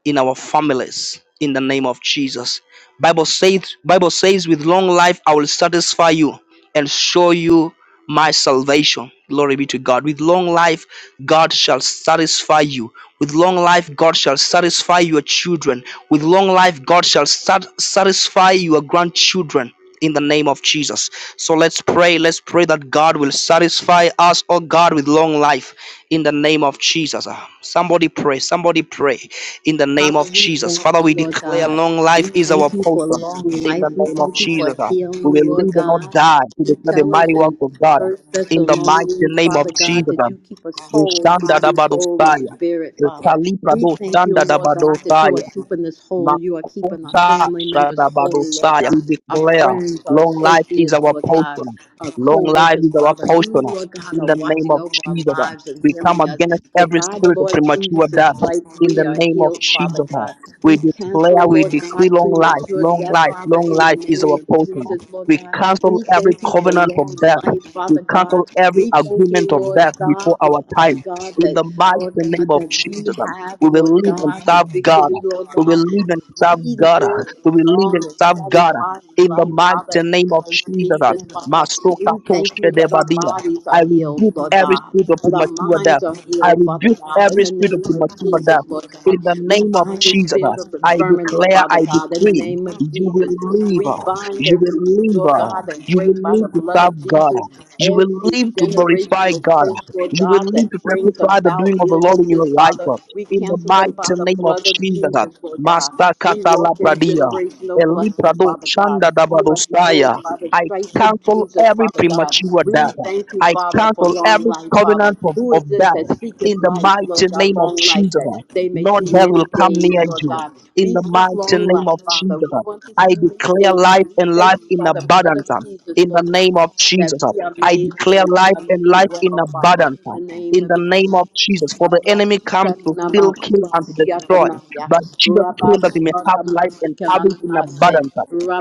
Speaker 2: in our families in the name of Jesus. Bible says Bible says with long life I will satisfy you and show you my salvation. Glory be to God. With long life God shall satisfy you. With long life God shall satisfy your children. With long life God shall sat- satisfy your grandchildren in the name of Jesus. So let's pray. Let's pray that God will satisfy us, oh God, with long life in the name of Jesus. Ah, Somebody pray. Somebody pray in the name
Speaker 1: Father,
Speaker 2: of
Speaker 1: we
Speaker 2: Jesus.
Speaker 1: thank
Speaker 2: Father, we
Speaker 1: you, Lord
Speaker 2: declare
Speaker 1: God.
Speaker 2: long
Speaker 1: We
Speaker 2: life is our
Speaker 1: thank you for
Speaker 2: portion
Speaker 1: long
Speaker 2: in the
Speaker 1: life. We
Speaker 2: name of
Speaker 1: thank you for
Speaker 2: Jesus. uh. We
Speaker 1: healing,
Speaker 2: will
Speaker 1: Lord
Speaker 2: live and not
Speaker 1: God.
Speaker 2: die to
Speaker 1: You
Speaker 2: declare the
Speaker 1: tell us
Speaker 2: mighty
Speaker 1: in
Speaker 2: works of God uh,
Speaker 1: First
Speaker 2: in the mighty
Speaker 1: Thessalonians,
Speaker 2: name of
Speaker 1: Father God,
Speaker 2: Jesus.
Speaker 1: that
Speaker 2: uh,
Speaker 1: you keep us
Speaker 2: we
Speaker 1: whole,
Speaker 2: stand, at The uh.
Speaker 1: body, soul, and
Speaker 2: Ushandadabadosaya.
Speaker 1: spirit, Father. We thank you, Lord God, that you
Speaker 2: Utalipradoshandadabadosaya.
Speaker 1: are keeping us whole. You are keeping our
Speaker 2: Makusa
Speaker 1: family members whole, Lord
Speaker 2: Shadabadosaya.
Speaker 1: God.
Speaker 2: We
Speaker 1: Our
Speaker 2: declare
Speaker 1: friends, our
Speaker 2: long life is
Speaker 1: associates,
Speaker 2: our
Speaker 1: Lord God,
Speaker 2: portion.
Speaker 1: our
Speaker 2: Long life
Speaker 1: co-workers,
Speaker 2: is our
Speaker 1: Father. You,
Speaker 2: portion.
Speaker 1: Lord God,
Speaker 2: In
Speaker 1: are
Speaker 2: the name
Speaker 1: watching
Speaker 2: of
Speaker 1: over our
Speaker 2: Jesus.
Speaker 1: lives and
Speaker 2: We come
Speaker 1: healing us.
Speaker 2: against
Speaker 1: So
Speaker 2: every
Speaker 1: by the
Speaker 2: spirit of
Speaker 1: Lord
Speaker 2: premature
Speaker 1: Jesus'
Speaker 2: death.
Speaker 1: stripes,
Speaker 2: In the
Speaker 1: we are
Speaker 2: name of
Speaker 1: healed, Father
Speaker 2: Jesus.
Speaker 1: God.
Speaker 2: We
Speaker 1: We cancel,
Speaker 2: declare, we
Speaker 1: Lord
Speaker 2: decree
Speaker 1: God,
Speaker 2: long life,
Speaker 1: premature
Speaker 2: long
Speaker 1: death,
Speaker 2: life,
Speaker 1: Father,
Speaker 2: long
Speaker 1: in the
Speaker 2: life is
Speaker 1: name
Speaker 2: our
Speaker 1: of
Speaker 2: portion.
Speaker 1: Jesus, Lord
Speaker 2: We
Speaker 1: God.
Speaker 2: cancel
Speaker 1: We
Speaker 2: every
Speaker 1: thank you for
Speaker 2: covenant of
Speaker 1: long
Speaker 2: death.
Speaker 1: life,
Speaker 2: We
Speaker 1: Father
Speaker 2: cancel
Speaker 1: God.
Speaker 2: every
Speaker 1: We thank
Speaker 2: agreement
Speaker 1: you,
Speaker 2: of
Speaker 1: Lord
Speaker 2: death before
Speaker 1: God,
Speaker 2: our
Speaker 1: Father
Speaker 2: time.
Speaker 1: God,
Speaker 2: In
Speaker 1: that,
Speaker 2: the mighty
Speaker 1: Lord God,
Speaker 2: name of
Speaker 1: that we
Speaker 2: Jesus,
Speaker 1: have,
Speaker 2: we will
Speaker 1: Lord
Speaker 2: live and
Speaker 1: God, the
Speaker 2: serve God
Speaker 1: victory, Lord
Speaker 2: we
Speaker 1: God
Speaker 2: will live and
Speaker 1: we
Speaker 2: serve God.
Speaker 1: live
Speaker 2: We will live and
Speaker 1: longer,
Speaker 2: serve God
Speaker 1: satisfied in
Speaker 2: in the
Speaker 1: life, Father,
Speaker 2: mighty
Speaker 1: in
Speaker 2: name of
Speaker 1: Christ
Speaker 2: Jesus.
Speaker 1: Jesus, Father.
Speaker 2: Masoka
Speaker 1: We thank you
Speaker 2: toshe
Speaker 1: that our
Speaker 2: debadia.
Speaker 1: bodies are
Speaker 2: I
Speaker 1: healed,
Speaker 2: rebuke
Speaker 1: Lord
Speaker 2: every
Speaker 1: God,
Speaker 2: spirit of
Speaker 1: that our
Speaker 2: premature death.
Speaker 1: minds are
Speaker 2: I
Speaker 1: healed, Father
Speaker 2: rebuke
Speaker 1: God, in
Speaker 2: every
Speaker 1: the
Speaker 2: spirit
Speaker 1: name
Speaker 2: of
Speaker 1: of
Speaker 2: premature
Speaker 1: Jesus,
Speaker 2: death.
Speaker 1: Lord God.
Speaker 2: In the
Speaker 1: We
Speaker 2: name of
Speaker 1: bind the
Speaker 2: Jesus,
Speaker 1: spirit of
Speaker 2: I
Speaker 1: infirmity,
Speaker 2: declare, I
Speaker 1: Father God, in the
Speaker 2: decree,
Speaker 1: name of
Speaker 2: you
Speaker 1: Jesus.
Speaker 2: will
Speaker 1: We
Speaker 2: live,
Speaker 1: bind
Speaker 2: you
Speaker 1: every,
Speaker 2: will
Speaker 1: Lord
Speaker 2: live,
Speaker 1: God, and
Speaker 2: you
Speaker 1: break by
Speaker 2: will
Speaker 1: the
Speaker 2: live to
Speaker 1: blood of
Speaker 2: serve God.
Speaker 1: Jesus
Speaker 2: You will
Speaker 1: every
Speaker 2: live to glorify
Speaker 1: generational
Speaker 2: God.
Speaker 1: curse, Lord
Speaker 2: You will
Speaker 1: God,
Speaker 2: live
Speaker 1: that
Speaker 2: to
Speaker 1: brings
Speaker 2: testify the doing
Speaker 1: about
Speaker 2: of the Lord in your
Speaker 1: illnesses,
Speaker 2: life
Speaker 1: Father. We
Speaker 2: in the
Speaker 1: cancel them
Speaker 2: mighty
Speaker 1: by the
Speaker 2: name of
Speaker 1: blood of
Speaker 2: Jesus.
Speaker 1: Jesus, Lord God.
Speaker 2: Master
Speaker 1: We walk in
Speaker 2: Katalabradia,
Speaker 1: generational blessings,
Speaker 2: Eliprado
Speaker 1: Father God.
Speaker 2: Chanda
Speaker 1: We are healed
Speaker 2: Dabadosaya.
Speaker 1: by the
Speaker 2: I
Speaker 1: stripes of
Speaker 2: cancel
Speaker 1: Jesus,
Speaker 2: every
Speaker 1: Father God.
Speaker 2: premature
Speaker 1: We
Speaker 2: death.
Speaker 1: thank you,
Speaker 2: I
Speaker 1: Father, for
Speaker 2: cancel
Speaker 1: long
Speaker 2: every
Speaker 1: life, Father.
Speaker 2: covenant of,
Speaker 1: Who is
Speaker 2: of
Speaker 1: this that
Speaker 2: death in
Speaker 1: seeketh
Speaker 2: the
Speaker 1: life, Lord
Speaker 2: mighty
Speaker 1: God,
Speaker 2: name of
Speaker 1: long life,
Speaker 2: Jesus.
Speaker 1: that they may
Speaker 2: No
Speaker 1: see
Speaker 2: death will
Speaker 1: many
Speaker 2: come
Speaker 1: days,
Speaker 2: near
Speaker 1: Lord
Speaker 2: you.
Speaker 1: God.
Speaker 2: In
Speaker 1: We
Speaker 2: the
Speaker 1: seek
Speaker 2: mighty
Speaker 1: long
Speaker 2: name of
Speaker 1: life, Father.
Speaker 2: Jesus,
Speaker 1: We want to
Speaker 2: I
Speaker 1: see many
Speaker 2: declare
Speaker 1: days,
Speaker 2: life
Speaker 1: we
Speaker 2: and
Speaker 1: thank
Speaker 2: life
Speaker 1: you
Speaker 2: in
Speaker 1: by the blood of
Speaker 2: abundance.
Speaker 1: Jesus,
Speaker 2: In the
Speaker 1: Lord God
Speaker 2: name of
Speaker 1: that
Speaker 2: Jesus,
Speaker 1: we are
Speaker 2: I
Speaker 1: made whole,
Speaker 2: declare
Speaker 1: we
Speaker 2: life
Speaker 1: are
Speaker 2: and
Speaker 1: made
Speaker 2: life in
Speaker 1: well, Father,
Speaker 2: abundance.
Speaker 1: in the name
Speaker 2: In
Speaker 1: of
Speaker 2: the name
Speaker 1: Jesus.
Speaker 2: of Jesus, for the
Speaker 1: Rabba
Speaker 2: enemy comes to
Speaker 1: Shana
Speaker 2: steal, kill,
Speaker 1: Makuba
Speaker 2: and to destroy
Speaker 1: Siakonaya,
Speaker 2: but Jesus
Speaker 1: Rabba
Speaker 2: told that we may have
Speaker 1: Siaga
Speaker 2: life and have it in
Speaker 1: Masikanamase,
Speaker 2: abundance.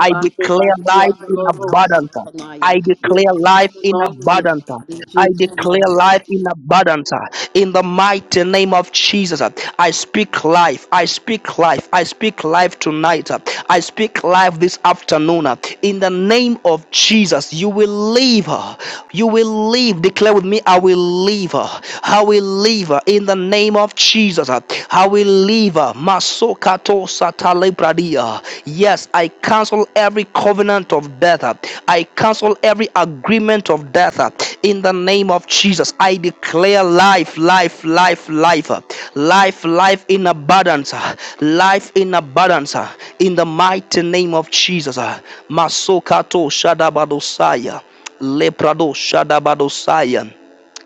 Speaker 2: I
Speaker 1: Kuba
Speaker 2: declare life in
Speaker 1: Siaga
Speaker 2: abundance.
Speaker 1: Siakonaya.
Speaker 2: I
Speaker 1: We
Speaker 2: declare
Speaker 1: thank you
Speaker 2: life
Speaker 1: for
Speaker 2: in
Speaker 1: long life,
Speaker 2: abundance.
Speaker 1: God, in
Speaker 2: I
Speaker 1: Jesus' name.
Speaker 2: declare life in abundance. In the mighty name of Jesus, I speak life. I speak life. I speak life tonight. I speak life this afternoon uh, in the name of Jesus. You will live. uh, You will live. Declare with me, I will live. uh, I will live uh, in the name of Jesus. uh, I will live. Masokato Masokato satalebradia. Yes, I cancel every covenant of death. uh, I I cancel every agreement of death uh, in the name of Jesus. I declare life, life, life, life, uh, life, life in abundance, uh, life in abundance uh, in the mighty name of Jesus. uh. Masokato Shadabadosaya. Leprado Shadabadosaya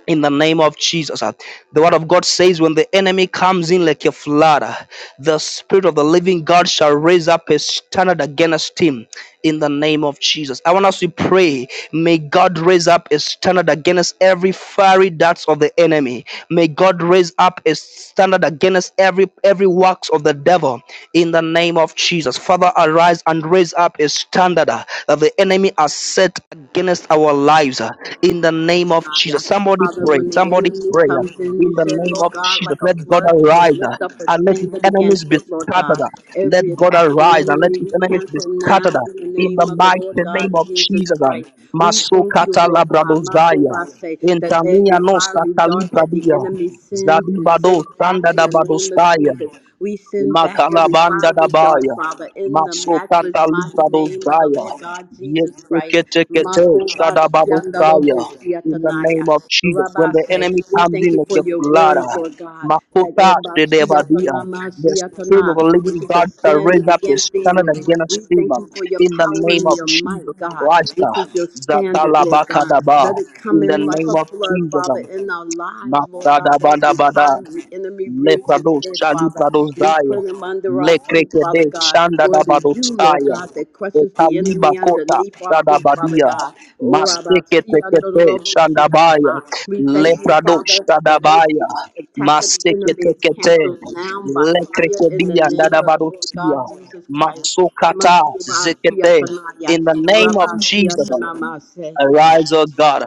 Speaker 2: in the name of Jesus. uh, The word of God says, when the enemy comes in like a flood, uh, the spirit of the living God shall raise up a standard against him in the name of Jesus. I want us to pray. May God raise up a standard against every fiery darts of the enemy. May God raise up a standard against every every works of the devil in the name of Jesus. Father, arise and raise up a standard uh, that the enemy has set against our lives in the name of
Speaker 1: Zedekiah.
Speaker 2: Jesus. Somebody
Speaker 1: Father,
Speaker 2: pray.
Speaker 1: when the
Speaker 2: Somebody
Speaker 1: enemy
Speaker 2: pray.
Speaker 1: comes in,
Speaker 2: In
Speaker 1: you
Speaker 2: the
Speaker 1: said,
Speaker 2: name
Speaker 1: Lord
Speaker 2: of
Speaker 1: God,
Speaker 2: Jesus.
Speaker 1: like a
Speaker 2: Let God
Speaker 1: flood, you will
Speaker 2: arise uh,
Speaker 1: lift up a
Speaker 2: and let his
Speaker 1: standard
Speaker 2: enemies
Speaker 1: against
Speaker 2: be
Speaker 1: it, Lord
Speaker 2: scattered.
Speaker 1: God.
Speaker 2: uh. Let
Speaker 1: Every
Speaker 2: God
Speaker 1: attack of the
Speaker 2: arise and let
Speaker 1: enemy,
Speaker 2: his
Speaker 1: we
Speaker 2: enemies be
Speaker 1: cancel now
Speaker 2: scattered. uh,
Speaker 1: in the
Speaker 2: In
Speaker 1: name
Speaker 2: the
Speaker 1: of the Lord
Speaker 2: mighty
Speaker 1: God
Speaker 2: name of
Speaker 1: Jesus
Speaker 2: Jesus. um.
Speaker 1: Christ. We thank you,
Speaker 2: Masukata
Speaker 1: Lord God, Marco
Speaker 2: labradozaya.
Speaker 1: say that
Speaker 2: Entamia
Speaker 1: every
Speaker 2: no
Speaker 1: fiery dart that the
Speaker 2: satalibradia.
Speaker 1: enemy sends is
Speaker 2: Zadibado
Speaker 1: sent back in the name of
Speaker 2: sandadabadostaya.
Speaker 1: Jesus. We send back every
Speaker 2: Makalabanda
Speaker 1: fiery dart,
Speaker 2: dabaya.
Speaker 1: Father, in the
Speaker 2: Masokata
Speaker 1: matchless mighty name of the
Speaker 2: libadozaya.
Speaker 1: Lord God Jesus Christ.
Speaker 2: Yeseketekete shadabadosaya. In the name of
Speaker 1: Makobakiandaloboskiatanaya.
Speaker 2: Jesus, when
Speaker 1: Rabbi,
Speaker 2: the
Speaker 1: say
Speaker 2: enemy
Speaker 1: we
Speaker 2: comes
Speaker 1: thank
Speaker 2: in
Speaker 1: you
Speaker 2: like
Speaker 1: for
Speaker 2: a
Speaker 1: your
Speaker 2: flood,
Speaker 1: word, Lord God, that
Speaker 2: Makota shedebadia. The spirit of
Speaker 1: Ebasiatanamasiatana,
Speaker 2: the
Speaker 1: which
Speaker 2: living
Speaker 1: is a
Speaker 2: God shall
Speaker 1: standard
Speaker 2: raise up a
Speaker 1: against the
Speaker 2: standard
Speaker 1: enemy. We
Speaker 2: against him.
Speaker 1: thank you for your
Speaker 2: In the
Speaker 1: power
Speaker 2: name
Speaker 1: and
Speaker 2: of
Speaker 1: your
Speaker 2: Jesus
Speaker 1: might, God,
Speaker 2: Christ,
Speaker 1: which is your standard, Lord God.
Speaker 2: Zatalabakadaba.
Speaker 1: Let it
Speaker 2: In
Speaker 1: come
Speaker 2: the
Speaker 1: in like
Speaker 2: name
Speaker 1: a
Speaker 2: of
Speaker 1: flood,
Speaker 2: Jesus,
Speaker 1: Father, in our lives, Lord God, every
Speaker 2: Masadabadabada.
Speaker 1: time we enemy
Speaker 2: Le
Speaker 1: rears his
Speaker 2: Prado
Speaker 1: head,
Speaker 2: Shali
Speaker 1: Father.
Speaker 2: Prado
Speaker 1: We
Speaker 2: Zaya.
Speaker 1: put him under our
Speaker 2: Le
Speaker 1: feet, Father
Speaker 2: Krekede
Speaker 1: God.
Speaker 2: Shanda
Speaker 1: For it is
Speaker 2: Dabado
Speaker 1: you, Lord
Speaker 2: Saya.
Speaker 1: God, that
Speaker 2: Le
Speaker 1: crushes the
Speaker 2: Kaliba
Speaker 1: enemy
Speaker 2: Kota
Speaker 1: underneath our feet, Father
Speaker 2: Shadabadia.
Speaker 1: God. Oh, Rabbi,
Speaker 2: Masteke
Speaker 1: see under the
Speaker 2: Tekete
Speaker 1: rubble, see under
Speaker 2: Shandabaya.
Speaker 1: my- We
Speaker 2: Le
Speaker 1: thank you,
Speaker 2: Prado
Speaker 1: Father, that
Speaker 2: Shadabaya.
Speaker 1: every attack of the
Speaker 2: Maseke
Speaker 1: enemy is
Speaker 2: Tekete.
Speaker 1: canceled now by
Speaker 2: Le
Speaker 1: fire in the
Speaker 2: Krekedia
Speaker 1: name of the Lord
Speaker 2: Dadabadosia.
Speaker 1: God Jesus Christ.
Speaker 2: Matsukata
Speaker 1: Makuba, see
Speaker 2: Zekete.
Speaker 1: under my-
Speaker 2: In the name of
Speaker 1: Rabbi, see
Speaker 2: Jesus.
Speaker 1: under my-
Speaker 2: Arise, O God.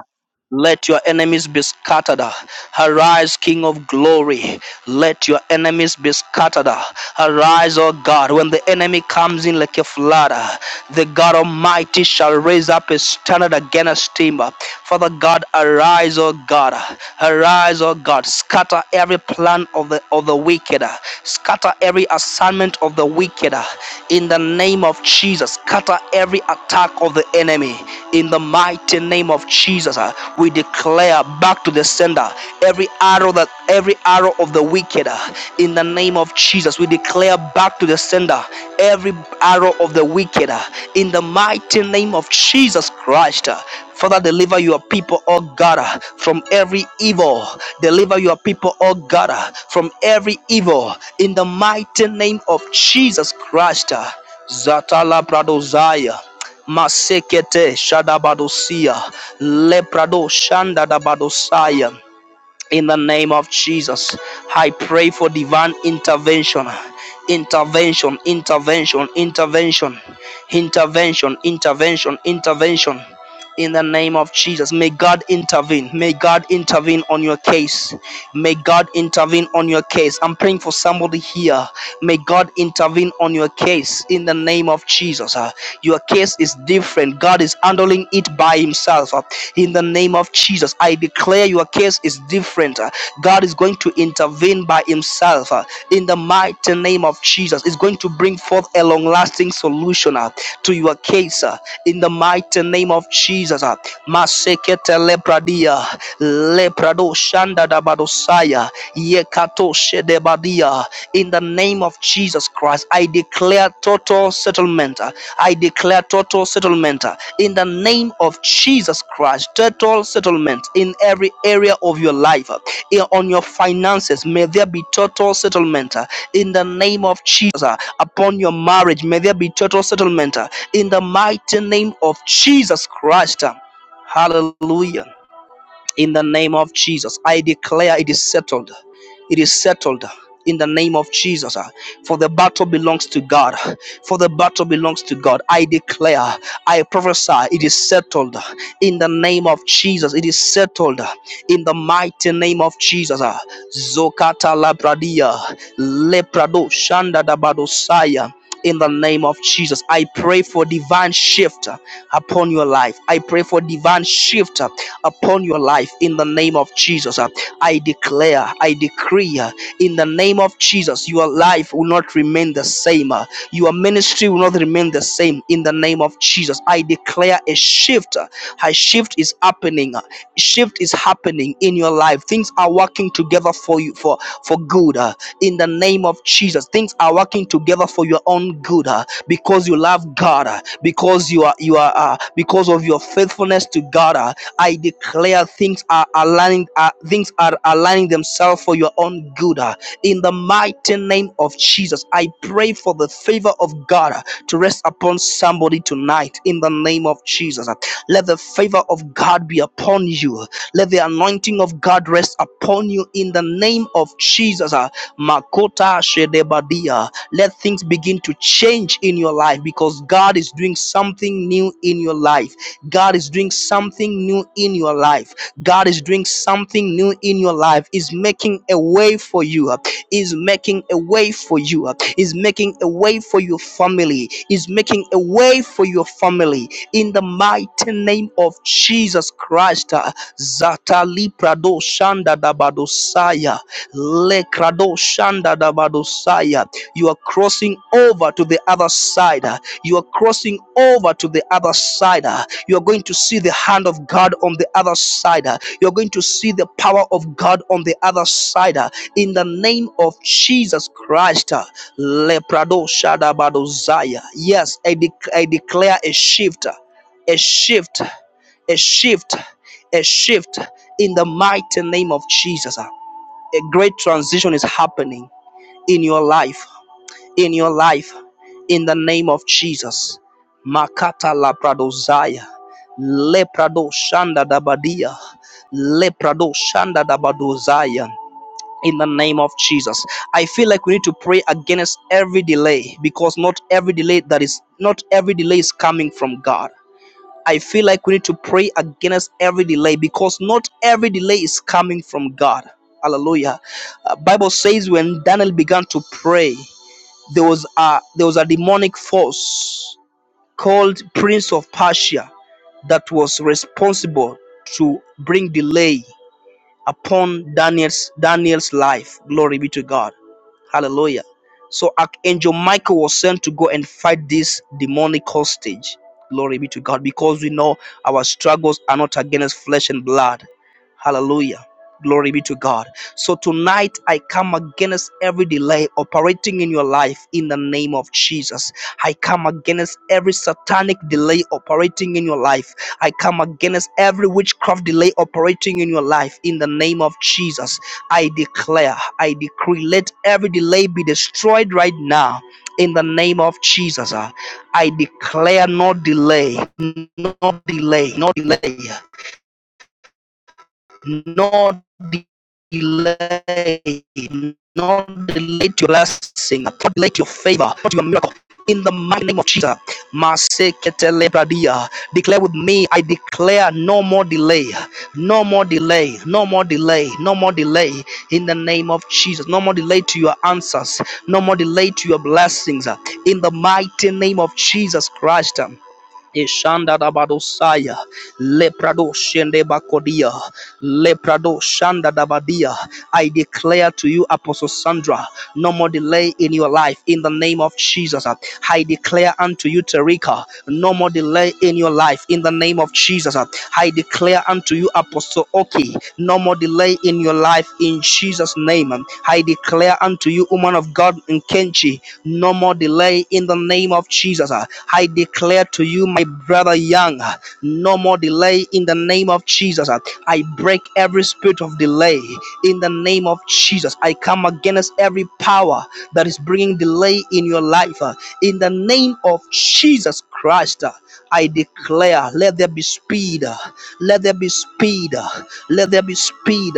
Speaker 2: Let your enemies be scattered. Arise, King of glory. Let your enemies be scattered. Arise, O God. When the enemy comes in like a flood, the God Almighty shall raise up a standard against him. Father God, arise, O God. Arise, O God. Scatter every plan of the of the wicked. Scatter every assignment of the wicked. In the name of Jesus, scatter every attack of the enemy in the mighty name of Jesus. uh, We declare back to the sender every arrow that every arrow of the wicked uh, in the name of Jesus. We declare back to the sender every arrow of the wicked uh, in the mighty name of Jesus Christ. uh. Father, deliver your people, oh God, uh, from every evil. Deliver your people, oh God, uh, from every evil in the mighty name of Jesus Christ. uh. Zatala Pradozaya. Masekete Shadabadosia Leprado shanda Shandadabadosaya. In the name of Jesus, I pray for divine intervention. Intervention, intervention, intervention, intervention, intervention, intervention. In the name of Jesus, may God intervene. May God intervene on your case. May God intervene on your case. I'm praying for somebody here. May God intervene on your case in the name of Jesus. Your case is different. God is handling it by Himself. Uh, In the name of Jesus, I declare your case is different. Uh, God is going to intervene by Himself. uh, In the mighty name of Jesus, is going to bring forth a long lasting solution uh, to your case. uh, In the mighty name of Jesus. uh. Masekete lepradia. Leprado shanda da badosaya. Yekato shedebadia. In the name of Jesus Christ, I declare total settlement. I declare total settlement. In the name of Jesus Christ, total settlement in every area of your life. On your finances, may there be total settlement. In the name of Jesus, upon your marriage, may there be total settlement. In the mighty name of Jesus Christ. Hallelujah in the name of Jesus. I declare it is settled. It is settled in the name of Jesus. uh, For the battle belongs to God. For the battle belongs to God. I declare, I prophesy, it is settled in the name of Jesus. It is settled in the mighty name of Jesus. uh. Zokata labradia, leprado shanda dabadosaya. In the name of Jesus, I pray for divine shift upon your life. I pray for divine shift upon your life in the name of Jesus. Uh, I declare, I decree uh, in the name of Jesus, your life will not remain the same. uh, Your ministry will not remain the same in the name of Jesus. I declare a shift. uh, A shift is happening. uh, Shift is happening in your life. Things are working together for you for for good uh, in the name of Jesus. Things are working together for your own good uh, because you love God, uh, because you are you are uh, because of your faithfulness to God. uh, I declare things are aligning, uh, things are aligning themselves for your own good. uh, In the mighty name of Jesus, I pray for the favor of God uh, to rest upon somebody tonight. In the name of Jesus, uh, let the favor of God be upon you. Let the anointing of God rest upon you. In the name of Jesus, uh, Makota Shedebadia. Let things begin to change in your life because God is doing something new in your life God is doing something new in your life. God is doing something new in your life. Is making a way for you. Is making a way for you. Is making a way for your family. Is making a way for your family. In the mighty name of Jesus Christ. uh, Zatali Prado Shanda Dabadosaya. Le Krado Shanda Dabadosaya. You are crossing over to the other side. uh, You are crossing over to the other side. You are going to see the hand of God on the other side. You are going to see the power of God on the other side. In the name of Jesus Christ, Leprado Shadabado zaya. Yes, I, dec- I declare a shift, a shift, a shift, a shift in the mighty name of Jesus. A great transition is happening in your life in your life in the name of Jesus. Makata labradozaya, leprado shanda dabadia, leprado shanda dabadozaya. In the name of Jesus, I feel like we need to pray against every delay because not every delay that is not every delay is coming from God. I feel like we need to pray against every delay because not every delay is coming from God. Hallelujah. Uh, Bible says when Daniel began to pray, there was a there was a demonic force called prince of persia that was responsible to bring delay upon daniel's daniel's life glory be to god Hallelujah. So Archangel Michael was sent to go and fight this demonic hostage. Glory be to God. Because we know our struggles are not against flesh and blood. Hallelujah. Glory be to God. So tonight I come against every delay operating in your life in the name of Jesus. I come against every satanic delay operating in your life. I come against every witchcraft delay operating in your life in the name of Jesus. I declare, I decree, let every delay be destroyed right now in the name of Jesus. Uh, I declare no delay, no delay, no delay no delay, no delay to your blessing, no delay to your favor, not your miracle. In the mighty name of Jesus, Maseketelebradia. declare with me, I declare no more delay, no more delay, no more delay, no more delay in the name of Jesus. No more delay to your answers, no more delay to your blessings in the mighty name of Jesus Christ. Ishanda da Badosaya, Leprado Shende Bakodia, Leprado Shanda da Badia. I declare to you, Apostle Sandra, no more delay in your life in the name of Jesus. I declare unto you, Terika, no more delay in your your life in the name of Jesus. I declare unto you, Apostle Oki, no more delay in your life in Jesus' name. I declare unto you, woman of God in Kenchi, no more delay in the name of Jesus. I declare to you, my brother Young, no more delay in the name of Jesus. I break every spirit of delay in the name of Jesus. I come against every power that is bringing delay in your life uh, in the name of Jesus Christ. I declare, let there be speed. Let there be speed. Let there be speed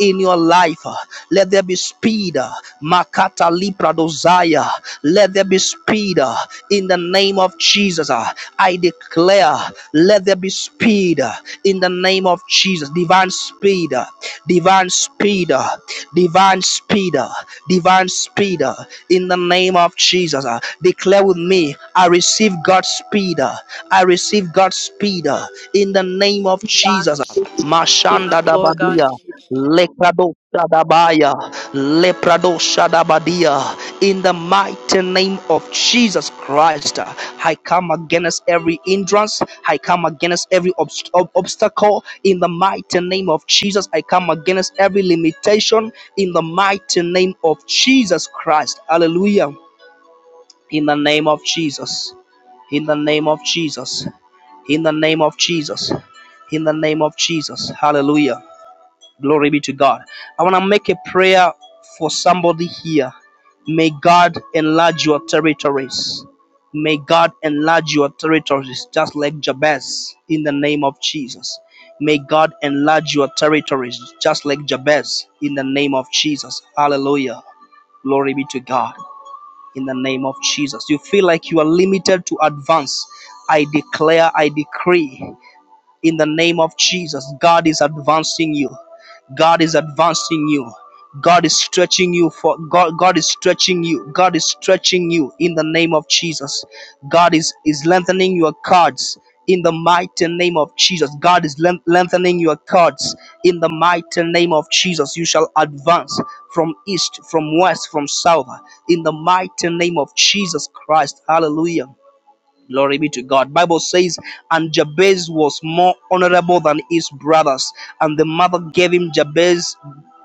Speaker 2: in your life. Let there be speed. Makata Lipra Dosaya. Let there be speed in the name of Jesus. I declare, let there be speed in the name of Jesus. Divine speed, divine speed, divine speed, divine speed in the name of Jesus. Declare with me, I receive God's speed. I receive God's speed uh, in the name of Jesus. Mashanda dabadia, leprado shadabaya, leprado shadabadia. In the mighty name of Jesus Christ, uh, I come against every hindrance. I come against every obst- ob- obstacle. In the mighty name of Jesus, I come against every limitation. In the mighty name of Jesus Christ, Hallelujah! In the name of Jesus. In the name of Jesus in the name of Jesus. In the name of Jesus. Hallelujah. Glory be to God. I want to make a prayer for somebody here. May God enlarge your territories. May God enlarge your territories, just like Jabez, in the name of Jesus. May God enlarge your territories, just like Jabez, in the name of Jesus. Hallelujah. Glory be to God, in the name of Jesus. You feel like you are limited to advance. I declare, I decree in the name of Jesus. God is advancing you. God is advancing you. God is stretching you for God God is stretching you. God is stretching you in the name of Jesus. God is is lengthening your cords in the mighty name of Jesus. God is length lengthening your cords in the mighty name of Jesus. You shall advance from east, from west, from south in the mighty name of Jesus Christ. Hallelujah. Glory be to God. Bible says, and Jabez was more honorable than his brothers, and the mother gave him Jabez,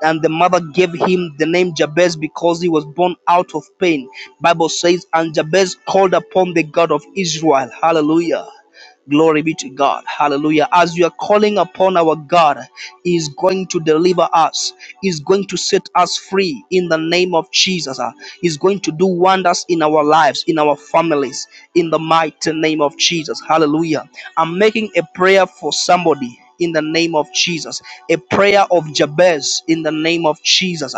Speaker 2: and the mother gave him the name Jabez because he was born out of pain. Bible says, and Jabez called upon the God of Israel. Hallelujah. Glory be to God. Hallelujah. As you are calling upon our God, He is going to deliver us, He is going to set us free in the name of Jesus. Uh, He is going to do wonders in our lives, in our families, in the mighty name of Jesus. Hallelujah. I'm making a prayer for somebody. In the name of Jesus, a prayer of Jabez in the name of Jesus.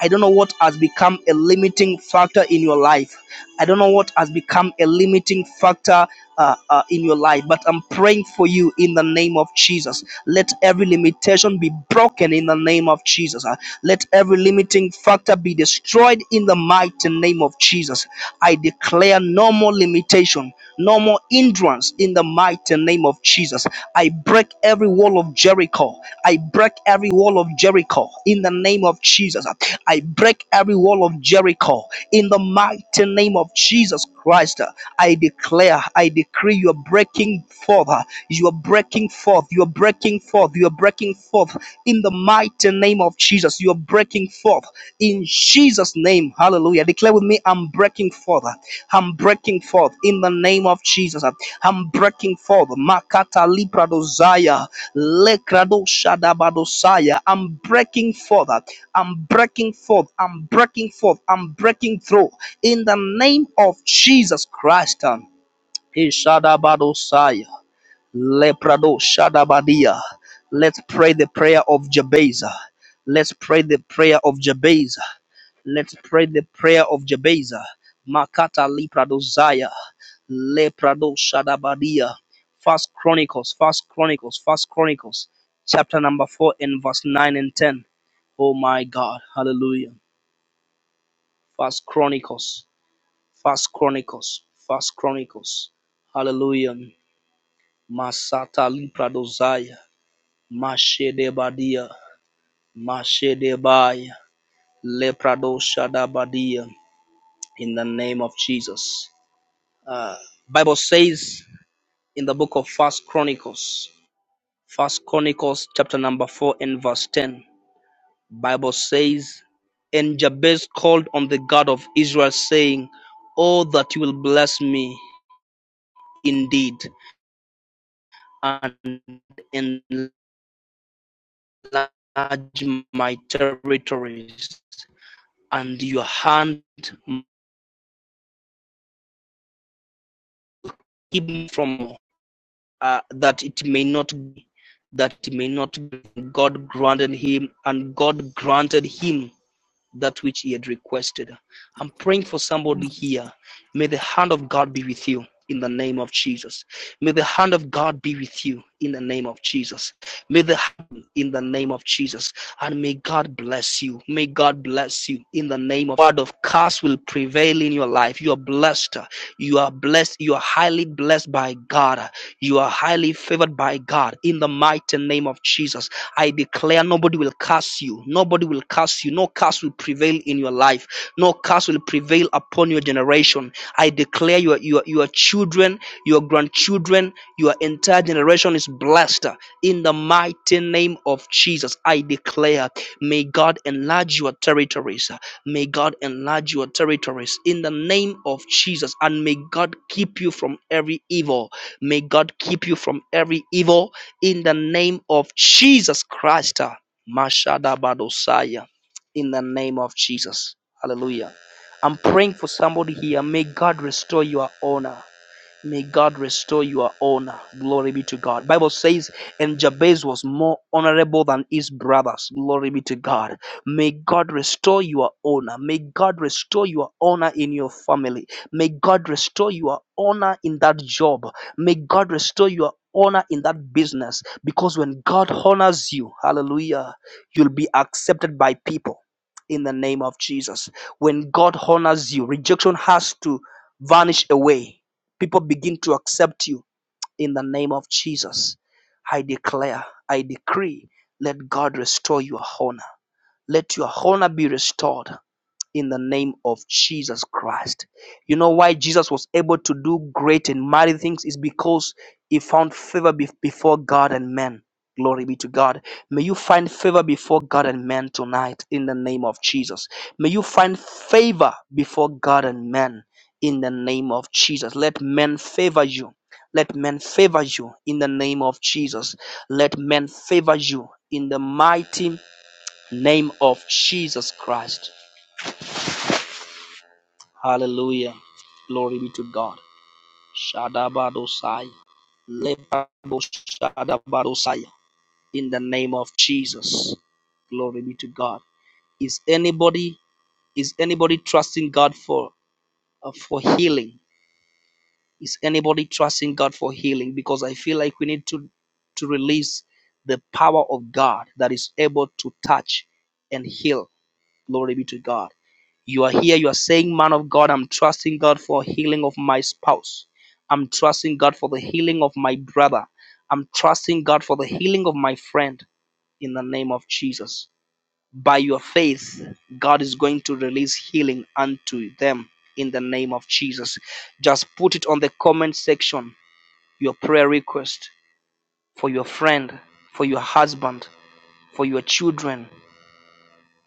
Speaker 2: I don't know what has become a limiting factor in your life. I don't know what has become a limiting factor uh, uh, in your life, but I'm praying for you in the name of Jesus. Let every limitation be broken in the name of Jesus. Uh, Let every limiting factor be destroyed in the mighty name of Jesus. I declare no more limitation, no more hindrance in the mighty name of Jesus. I break every wall of Jericho. I break every wall of Jericho in the name of Jesus. I break every wall of Jericho in the mighty name of Jesus Christ. I declare, I decree you are breaking forth, you are breaking forth, you are breaking forth, you are breaking forth in the mighty name of Jesus. You are breaking forth in Jesus' name. Hallelujah. Declare with me, I'm breaking forth. I'm breaking forth in the name of Jesus. I'm breaking forth. Makata Lipradozaya. Lekradosha Dabadosaya. I'm breaking forth. I'm breaking forth. I'm breaking forth. I'm breaking through in the name of Jesus Christ. um, Ishadabadosaya, Leprado Shadabadia. Let's pray the prayer of Jabez. Let's pray the prayer of Jabez. Let's pray the prayer of Jabeza. Makata Lipradosaya. Leprado Shadabadia. First Chronicles, First Chronicles, First Chronicles, chapter number four and verse nine and ten. Oh my God, hallelujah. First Chronicles, First Chronicles, First Chronicles, hallelujah. Masata Lipradosaya. Mashedebadia. Mashedebaya. Leprado Shadabadia. In the name of Jesus. Uh, Bible says in the book of First Chronicles, First Chronicles chapter number four and verse ten. Bible says, and Jabez called on the God of Israel, saying, "Oh that you will bless me indeed and enlarge my territories, and your hand keep me from uh, that it may not be." That it may not be. God granted him, and God granted him that which he had requested. I'm praying for somebody here. May the hand of God be with you in the name of Jesus. May the hand of God be with you in the name of Jesus. May the hand in the name of Jesus. And may God bless you. May God bless you in the name of God of curse will prevail in your life. You are blessed. You are blessed. You are highly blessed by God. You are highly favored by God. In the mighty name of Jesus, I declare nobody will curse you. Nobody will curse you. No curse will prevail in your life. No curse will prevail upon your generation. I declare your, your, your children, your grandchildren, your entire generation is blessed. In the mighty name of Jesus, I declare, may God enlarge your territories. May God enlarge your territories in the name of Jesus. And may God keep you from every evil. May God keep you from every evil in the name of Jesus Christ. ah. Mashada Badosaya. In the name of Jesus. Hallelujah. I'm praying for somebody here. May God restore your honor. May God restore your honor. Glory be to God. Bible says, and Jabez was more honorable than his brothers. Glory be to God. May God restore your honor. May God restore your honor in your family. May God restore your honor in that job. May God restore your honor in that business. Because when God honors you, hallelujah, you'll be accepted by people in the name of Jesus. When God honors you, rejection has to vanish away People begin to accept you in the name of Jesus. I declare, I decree, let God restore your honor. Let your honor be restored in the name of Jesus Christ. You know why Jesus was able to do great and mighty things is because he found favor be- before God and men. Glory be to God. May you find favor before God and men tonight in the name of Jesus. May you find favor before God and men in the name of Jesus. Let men favor you. Let men favor you in the name of Jesus. Let men favor you in the mighty name of Jesus Christ. Hallelujah. Glory be to God. Shadabadosai. Lepadoshadabadosai. In the name of Jesus. Glory be to God. Is anybody is anybody trusting God for uh, for healing? Is anybody trusting God for healing? Because I feel like we need to to release the power of God that is able to touch and heal Glory be to God. You are here, you are saying, Man of God, I'm trusting God for healing of my spouse. I'm trusting God for the healing of my brother. I'm trusting God for the healing of my friend in the name of Jesus. By your faith, God is going to release healing unto them in the name of Jesus. Just put it on the comment section your prayer request for your friend, for your husband, for your children.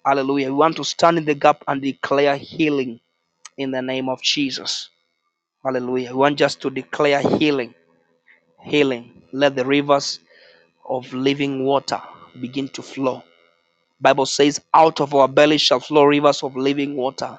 Speaker 2: Hallelujah. We want to stand in the gap and declare healing in the name of Jesus. Hallelujah. We want just to declare healing, healing. Let the rivers of living water begin to flow. Bible says, out of our belly shall flow rivers of living water.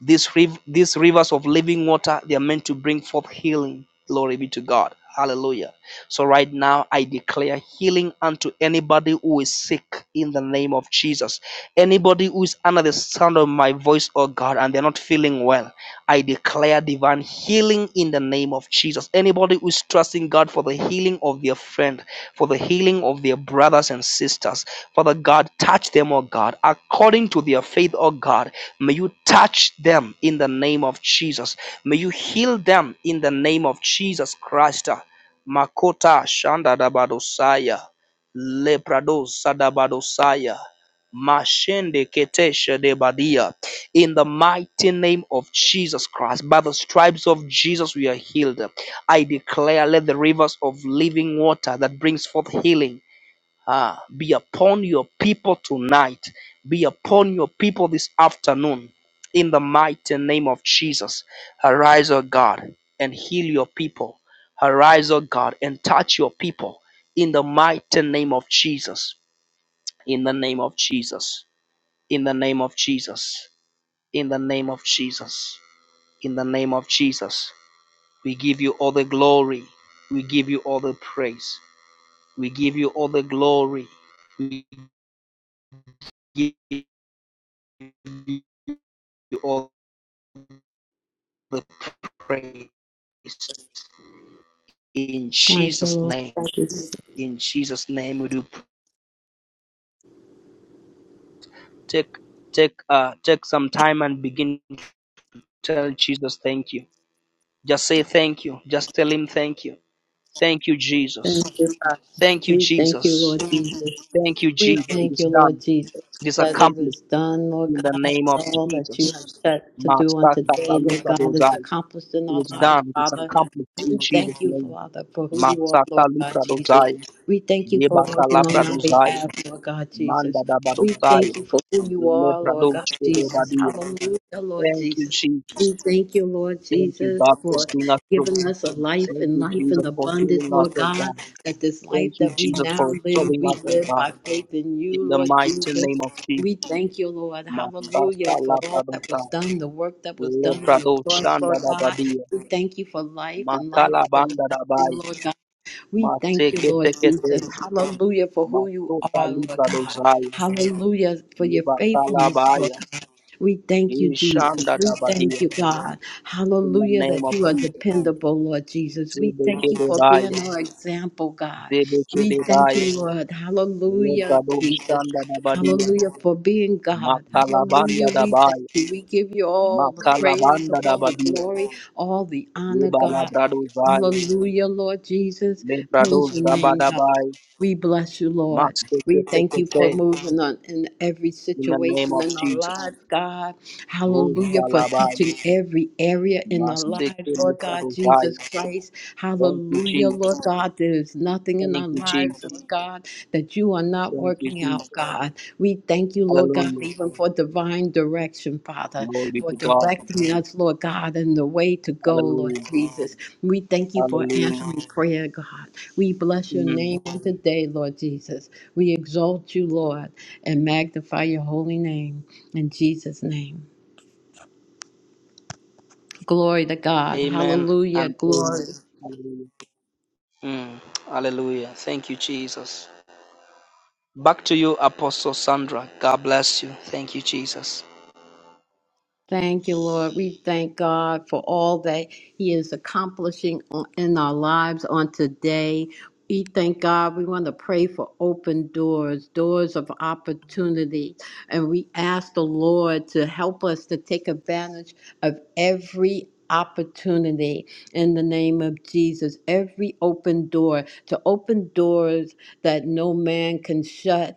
Speaker 2: These, riv- these rivers of living water, they are meant to bring forth healing. Glory be to God. Hallelujah. So, right now, I declare healing unto anybody who is sick in the name of Jesus. Anybody who is under the sound of my voice, oh God, and they're not feeling well, I declare divine healing in the name of Jesus. Anybody who is trusting God for the healing of their friend, for the healing of their brothers and sisters, Father God, touch them, oh God, according to their faith, oh God. May you touch them in the name of Jesus. May you heal them in the name of Jesus Christ. Makota Shanda Dabadosaya. Leprado Sadabadosaya. Mashende Ketesha de Badia. In the mighty name of Jesus Christ, by the stripes of Jesus, we are healed. I declare, let the rivers of living water that brings forth healing Ah, be upon your people tonight. Be upon your people this afternoon. In the mighty name of Jesus. Arise, O God, and heal your people. Arise, O God, and touch your people. In the mighty name of Jesus. In the name of Jesus. In the name of Jesus. In the name of Jesus. In the name of Jesus. We give you all the glory. We give you all the praise. We give you all the glory. We give. you all the praise. In
Speaker 1: Thank you,
Speaker 2: Jesus'
Speaker 1: Lord.
Speaker 2: name. In Jesus' name we do take take uh take some time and begin to tell Jesus thank you. Just say thank you. Just tell him thank you. Thank you, Jesus.
Speaker 1: Thank you, Father.
Speaker 2: Thank you,
Speaker 1: We thank you,
Speaker 2: Jesus.
Speaker 1: Lord Jesus.
Speaker 2: Thank you,
Speaker 1: We
Speaker 2: Jesus. It
Speaker 1: thank
Speaker 2: is
Speaker 1: you, Lord
Speaker 2: done.
Speaker 1: Jesus,
Speaker 2: It is
Speaker 1: that it
Speaker 2: accomplished
Speaker 1: is done, Lord
Speaker 2: in the
Speaker 1: God,
Speaker 2: name of
Speaker 1: that all that you
Speaker 2: Jesus.
Speaker 1: have set to do on
Speaker 2: Master
Speaker 1: today, Lord
Speaker 2: Libra
Speaker 1: God, is
Speaker 2: Dozai.
Speaker 1: accomplished in
Speaker 2: It
Speaker 1: our
Speaker 2: is
Speaker 1: lives,
Speaker 2: done. It is
Speaker 1: Father.
Speaker 2: accomplished
Speaker 1: We
Speaker 2: in Jesus'
Speaker 1: thank you,
Speaker 2: name.
Speaker 1: Father, for who you are,
Speaker 2: Master
Speaker 1: Lord God
Speaker 2: Libra
Speaker 1: Jesus.
Speaker 2: dozai.
Speaker 1: We thank you for
Speaker 2: Yebakala
Speaker 1: working on our
Speaker 2: Pradozaya,
Speaker 1: behalf, Lord God
Speaker 2: Manda
Speaker 1: Jesus. We
Speaker 2: Dabadotaya,
Speaker 1: thank you for who you
Speaker 2: le
Speaker 1: are, Lord
Speaker 2: Dabadosaya,
Speaker 1: God Jesus.
Speaker 2: Lepradochedobadia.
Speaker 1: Hallelujah, Lord
Speaker 2: Thank you,
Speaker 1: Jesus.
Speaker 2: Jesus.
Speaker 1: We thank you, Lord
Speaker 2: Thank you,
Speaker 1: Jesus,
Speaker 2: God, for
Speaker 1: for
Speaker 2: seeing us through.
Speaker 1: giving us a life
Speaker 2: Thank
Speaker 1: and
Speaker 2: you,
Speaker 1: life in
Speaker 2: Jesus, for
Speaker 1: abundance,
Speaker 2: healing us,
Speaker 1: Lord
Speaker 2: oh
Speaker 1: God,
Speaker 2: God.
Speaker 1: that this life
Speaker 2: Thank you,
Speaker 1: that we
Speaker 2: Jesus,
Speaker 1: now
Speaker 2: for
Speaker 1: live,
Speaker 2: restoring
Speaker 1: we
Speaker 2: us, oh
Speaker 1: live
Speaker 2: God.
Speaker 1: by faith in you,
Speaker 2: In the
Speaker 1: Lord
Speaker 2: mighty
Speaker 1: Jesus.
Speaker 2: name of
Speaker 1: We
Speaker 2: Jesus.
Speaker 1: thank you, Lord.
Speaker 2: Matata
Speaker 1: Hallelujah, for all that was
Speaker 2: Labradozaya,
Speaker 1: done, the work that was done on the cross, Lord God.
Speaker 2: Lepradoshandabadia,
Speaker 1: We thank you for life and life
Speaker 2: Makala
Speaker 1: everlasting,
Speaker 2: Bandadabai,
Speaker 1: Lord God. We thank you,
Speaker 2: Mateke
Speaker 1: Lord Jesus.
Speaker 2: Tekete,
Speaker 1: Hallelujah for who you
Speaker 2: Matoka
Speaker 1: are, Lord God.
Speaker 2: Lipradozaya,
Speaker 1: Hallelujah for your faithfulness, Lord
Speaker 2: Lebakalabaya,
Speaker 1: God. We thank you, Jesus. We
Speaker 2: Ishandadabadia.
Speaker 1: thank you, God.
Speaker 2: in the
Speaker 1: Hallelujah
Speaker 2: name
Speaker 1: that
Speaker 2: of
Speaker 1: you are
Speaker 2: Jesus.
Speaker 1: dependable, Lord Jesus. We thank you for
Speaker 2: Zedekedebaya,
Speaker 1: being our example, God. We thank
Speaker 2: Zedekedebaya,
Speaker 1: you, Lord. Hallelujah, Jesus.
Speaker 2: Lepradoshanda Dabadia,
Speaker 1: Hallelujah for being God. Hallelujah.
Speaker 2: Makalabanda
Speaker 1: We thank
Speaker 2: Dabaya,
Speaker 1: you. We give you all the praise,
Speaker 2: Makalabanda
Speaker 1: all the
Speaker 2: Dabadia,
Speaker 1: glory, all the honor, God.
Speaker 2: Lebalabradozaya,
Speaker 1: Hallelujah, Lord Jesus. Praise
Speaker 2: Leprados
Speaker 1: your name, God.
Speaker 2: Dabadabaya,
Speaker 1: We bless you, Lord. We thank you for
Speaker 2: Mastekete,
Speaker 1: moving on in every
Speaker 2: in the name
Speaker 1: situation
Speaker 2: of
Speaker 1: in our
Speaker 2: Jesus.
Speaker 1: lives, God. Hallelujah, for
Speaker 2: Rustalabai,
Speaker 1: touching every area in our lives, Lord God, Jesus
Speaker 2: Mastekeleprabozaya.
Speaker 1: Christ.
Speaker 2: Thank you,
Speaker 1: Hallelujah,
Speaker 2: Jesus.
Speaker 1: Lord God. There is nothing in our
Speaker 2: Thank you,
Speaker 1: lives,
Speaker 2: Jesus.
Speaker 1: Lord God, that you are not
Speaker 2: Thank you,
Speaker 1: working out,
Speaker 2: Jesus.
Speaker 1: God. We thank you, Lord God,
Speaker 2: Hallelujah.
Speaker 1: even for divine direction, Father,
Speaker 2: Glory be
Speaker 1: for
Speaker 2: to God.
Speaker 1: directing us, Lord God, in the way to go, Lord
Speaker 2: Hallelujah.
Speaker 1: Jesus. We thank you for
Speaker 2: Hallelujah.
Speaker 1: answering prayer, God. We bless your
Speaker 2: Mm.
Speaker 1: name on today, Lord Jesus. We exalt you, Lord, and magnify your holy name in Jesus' name. Glory to God.
Speaker 2: Amen
Speaker 1: Hallelujah.
Speaker 2: and amen.
Speaker 1: Glory.
Speaker 2: Hallelujah. Mm, hallelujah. Thank you, Jesus. Back to you, Apostle Sandra. God bless you. Thank you, Jesus.
Speaker 1: Thank you, Lord. We thank God for all that He is accomplishing on- in our lives on today. We thank God. We want to pray for open doors, doors of opportunity. And we ask the Lord to help us to take advantage of every opportunity in the name of Jesus. Every open door, to open doors that no man can shut.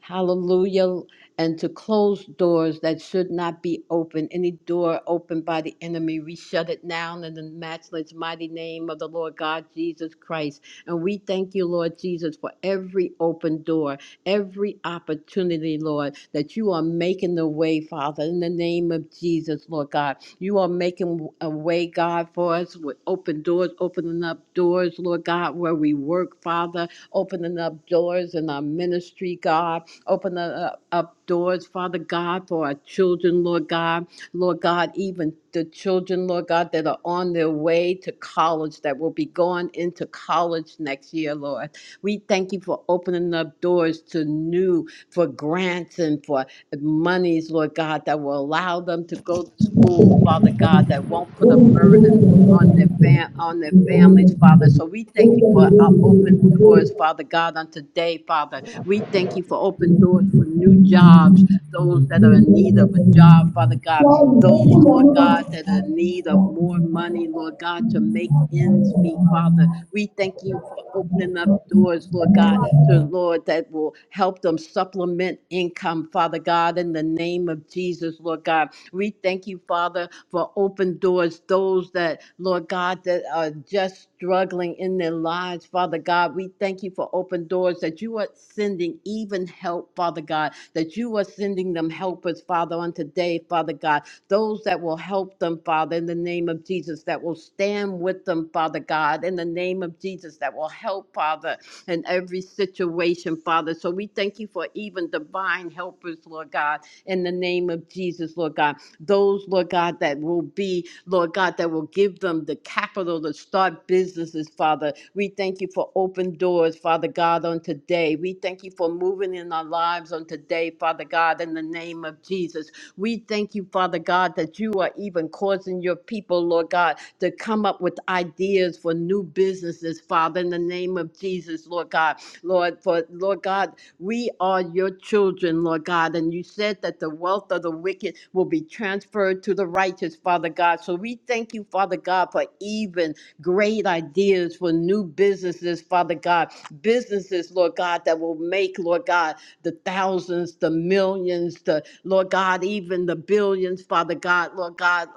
Speaker 1: Hallelujah and to close doors that should not be opened, Any door opened by the enemy, we shut it down in the matchless mighty name of the Lord God Jesus Christ. And we thank you, Lord Jesus, for every open door, every opportunity, Lord, that you are making the way, Father, in the name of Jesus, Lord God. You are making a way, God, for us with open doors, opening up doors, Lord God, where we work, Father, opening up doors in our ministry, God, opening up, up doors, Father God, for our children, Lord God, Lord God, even the children, Lord God, that are on their way to college knowledge that will be going into college next year, Lord. We thank you for opening up doors to new, for grants and for monies, Lord God, that will allow them to go to school, Father God, that won't put a burden on their fam- on their families, Father. So we thank you for our open doors, Father God, on today, Father. We thank you for open doors for new jobs, those that are in need of a job, Father God those, Lord God, that are in need of more money, Lord God, to make ends meet, Father. We thank you for opening up doors, Lord God, to Lord, that will help them supplement income, Father God, in the name of Jesus, Lord God. We thank you, Father, for open doors, those that, Lord God, that are just struggling in their lives, Father God. We thank you for open doors that you are sending even help, Father God, that you are sending them helpers leaders, Father, on today, Father God, those that will help them, Father, in the name of Jesus, that will stand with them, Father God, in the name of Jesus, that will help, Father, in every situation, Father. So we thank you for even divine helpers, Lord God, in the name of Jesus, Lord God. Those, Lord God, that will be, Lord God, that will give them the capital to start businesses, Father. We thank you for open doors, Father God, on today. We thank you for moving in our lives on today today, Father God, in the name of Jesus. We thank you, Father God, that you are even causing your people, Lord God, to come up with ideas for new businesses, Father, in the name of Jesus, Lord God. Lord, for Lord God, we are your children, Lord God. And you said that the wealth of the wicked will be transferred to the righteous, Father God. So we thank you, Father God, for even great ideas for new businesses, Father God. Businesses, Lord God, that will make make, Lord God, the thousands, the millions, the Lord God, even the billions, Father God, Lord God.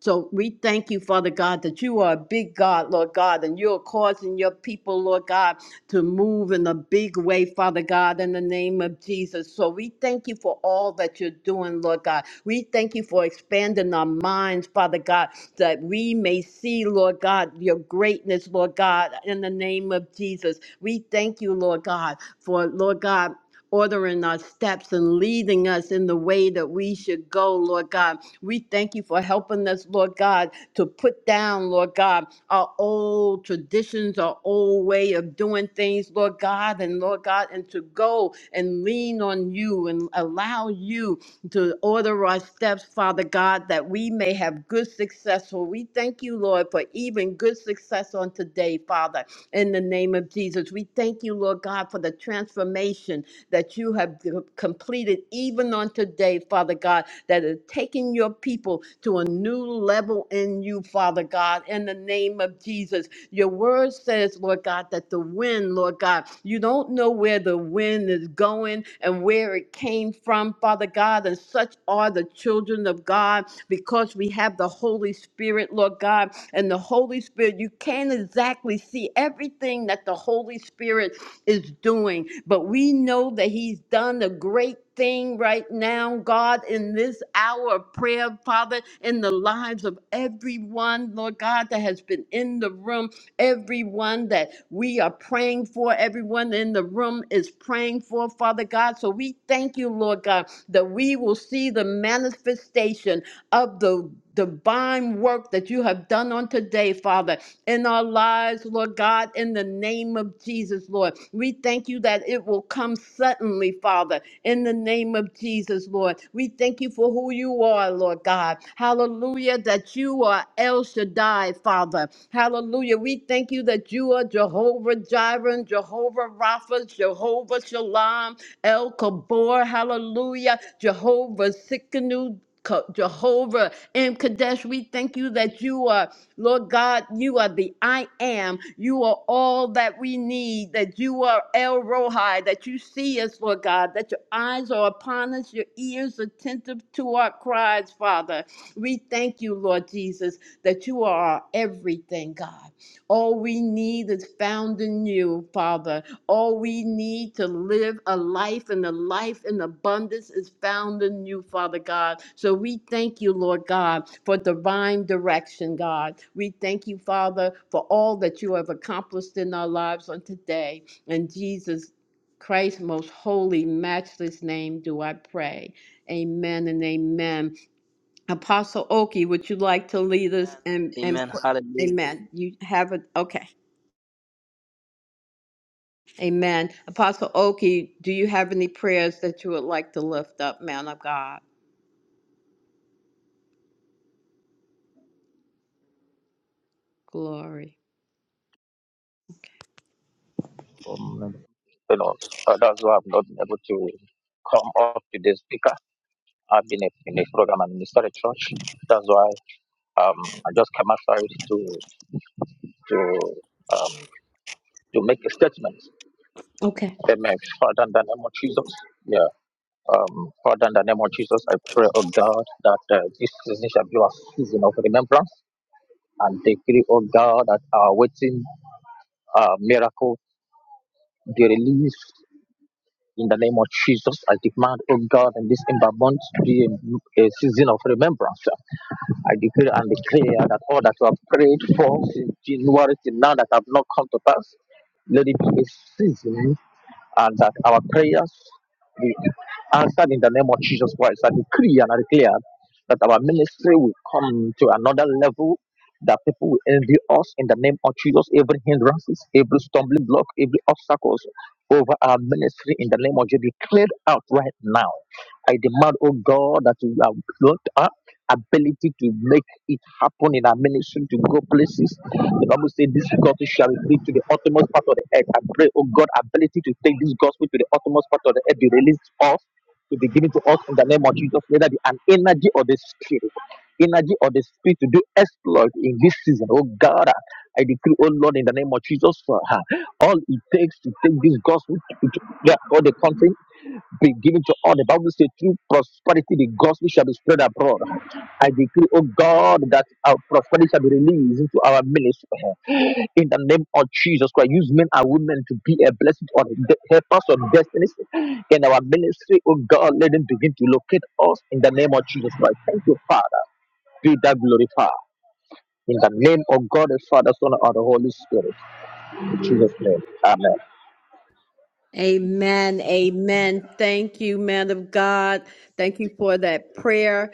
Speaker 1: So we thank you, Father God, that you are a big God, Lord God, and you're causing your people, Lord God, to move in a big way, Father God, in the name of Jesus. So we thank you for all that you're doing, Lord God. We thank you for expanding our minds, Father God, that we may see, Lord God, your greatness, Lord God, in the name of Jesus. We thank you, Lord God, for Lord God. Ordering our steps and leading us in the way that we should go, Lord God. We thank you for helping us, Lord God, to put down, Lord God, our old traditions, our old way of doing things, Lord God, and Lord God, and to go and lean on you and allow you to order our steps, Father God, that we may have good success. So we thank you, Lord, for even good success on today, Father in the name of Jesus. We thank you, Lord God, for the transformation that you have completed even on today, Father God, that is taking your people to a new level in you, Father God, in the name of Jesus. Your word says, Lord God, that the wind, Lord God, you don't know where the wind is going and where it came from, Father God. And such are the children of God because we have the Holy Spirit, Lord God. And the Holy Spirit, you can't exactly see everything that the Holy Spirit is doing, but we know that He's done a great thing right now, God, in this hour of prayer, Father, in the lives of everyone, Lord God, that has been in the room. Everyone that we are praying for, everyone in the room is praying for, Father God. So we thank you, Lord God, that we will see the manifestation of the divine work that you have done on today, Father, in our lives, Lord God, in the name of Jesus, Lord. We thank you that it will come suddenly, Father in the name of Jesus, Lord. We thank you for who you are, Lord God. Hallelujah, that you are El Shaddai, Father. Hallelujah. We thank you that you are Jehovah Jireh, Jehovah Rapha, Jehovah Shalom, El Kabor. Hallelujah. Jehovah Sikkenu. Jehovah M. Kadesh, we thank you that you are Lord God, you are the I am. You are all that we need, that you are El Rohi, that you see us, Lord God, that your eyes are upon us, your ears attentive to our cries, Father. We thank you, Lord Jesus, that you are our everything, God. All we need is found in you, Father all we need to live a life and a life in abundance is found in you, Father God. So we thank you, Lord God, for divine direction, God. We thank you, Father, for all that you have accomplished in our lives on today. In Jesus Christ's most holy, matchless name do I pray. Amen and amen. Apostle Oki, would you like to lead us
Speaker 2: Amen.
Speaker 1: and and
Speaker 2: Amen. Hallelujah.
Speaker 1: amen. You have it okay. Amen. Apostle Oki, do you have any prayers that you would like to lift up, man of God? Glory.
Speaker 3: from you know, uh, that's why I've not been able to come up to the speaker. I've been in a program and minister at church. That's why um, I just came outside to to um, to make a statement.
Speaker 1: Okay.
Speaker 3: Amen. Father, in the name of Jesus, yeah. Um, Father, in the name of Jesus, I pray, oh God, that uh, this season shall be a season of remembrance and decree, oh God, that are waiting uh, miracle, the release. In the name of Jesus, I demand, oh God, in this ember month to be a, a season of remembrance. I decree and declare that all that you have prayed for since January till now that have not come to pass, let it be a season and that our prayers be answered in the name of Jesus Christ. I decree and I declare that our ministry will come to another level, that people will envy us in the name of Jesus. Every hindrances, every stumbling block, every obstacles over our ministry in the name of Jesus be cleared out right now. I demand, oh God, that you have got our ability to make it happen in our ministry, to go places the Bible says this gospel shall reach to the uttermost part of the earth. I pray, oh God, ability to take this gospel to the uttermost part of the earth, be released to us, to be given to us in the name of Jesus, whether it be an energy or the spirit, energy or the spirit to do exploit in this season. Oh God, I decree, oh Lord, in the name of Jesus, for her. all it takes to take this gospel to, to, yeah, all the country be given to all. The Bible says, through prosperity, the gospel shall be spread abroad. I decree, oh God, that our prosperity shall be released into our ministry. In the name of Jesus Christ, use men and women to be a blessing on the helpers of destinies. In our ministry, oh God, let them begin to locate us in the name of Jesus Christ. Thank you, Father. Be that glorified. In the name of God, the Father, Son, and the Holy Spirit. In Jesus' name. Amen.
Speaker 1: Amen. Amen. Thank you, man of God. Thank you for that prayer.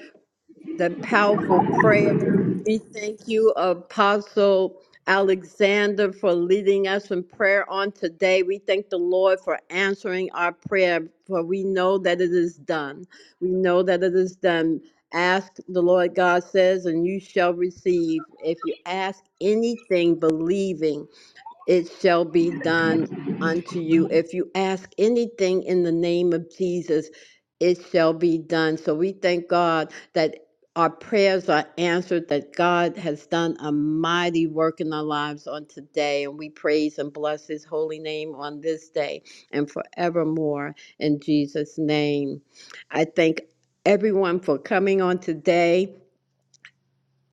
Speaker 1: the powerful prayer. We thank you, Apostle Alexander, for leading us in prayer on today. We thank the Lord for answering our prayer, for we know that it is done. We know that it is done. Ask the Lord God says, and you shall receive. If you ask anything believing, it shall be done unto you. If you ask anything in the name of Jesus, it shall be done. So we thank God that our prayers are answered, that God has done a mighty work in our lives on today. And we praise and bless his holy name on this day and forevermore in Jesus' name. I thank everyone for coming on today.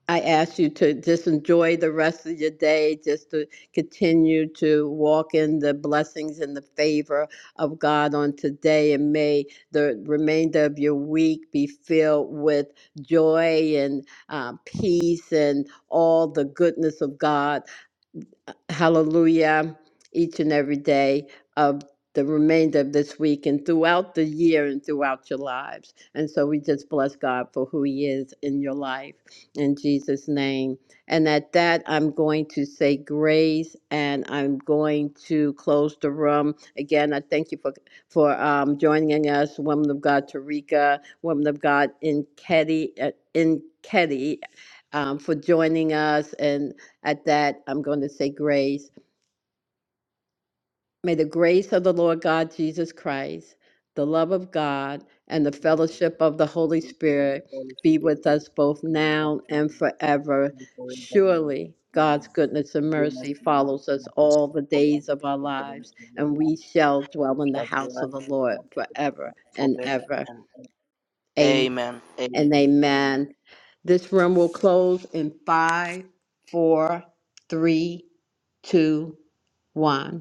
Speaker 1: I ask you to just enjoy the rest of your day, just to continue to walk in the blessings and the favor of God on today. And may the remainder of your week be filled with joy and uh, peace and all the goodness of God hallelujah each and every day of the remainder of this week and throughout the year and throughout your lives. And so we just bless God for who He is in your life in Jesus' name. And at that, I'm going to say grace and I'm going to close the room. Again, I thank you for, for um, joining us, Woman of God Tarika, Woman of God Nketi, uh, Nketi um, for joining us. and. At that, I'm going to say grace. May the grace of the Lord God Jesus Christ, the love of God, and the
Speaker 2: Thank
Speaker 1: fellowship of the Holy
Speaker 2: you for the
Speaker 1: Spirit
Speaker 2: Holy
Speaker 1: be
Speaker 2: Spirit
Speaker 1: with us both
Speaker 2: and that
Speaker 1: now
Speaker 2: man
Speaker 1: and forever.
Speaker 2: and forevermore.
Speaker 1: Surely God's
Speaker 2: Amen.
Speaker 1: goodness
Speaker 2: The
Speaker 1: and
Speaker 2: goodness
Speaker 1: mercy
Speaker 2: and
Speaker 1: follows us
Speaker 2: mercy of God
Speaker 1: all the
Speaker 2: shall follow us
Speaker 1: days of our
Speaker 2: with the
Speaker 1: lives,
Speaker 2: rest of our
Speaker 1: and we
Speaker 2: life.
Speaker 1: shall
Speaker 2: It
Speaker 1: dwell in the
Speaker 2: shall
Speaker 1: house
Speaker 2: dwell
Speaker 1: of the
Speaker 2: in the
Speaker 1: Lord
Speaker 2: house of the
Speaker 1: forever
Speaker 2: Lord
Speaker 1: and
Speaker 2: forever
Speaker 1: ever.
Speaker 2: and ever.
Speaker 1: Amen
Speaker 2: Amen. Amen.
Speaker 1: and
Speaker 2: Amen.
Speaker 1: amen. This room will close in five, four, three, two, one.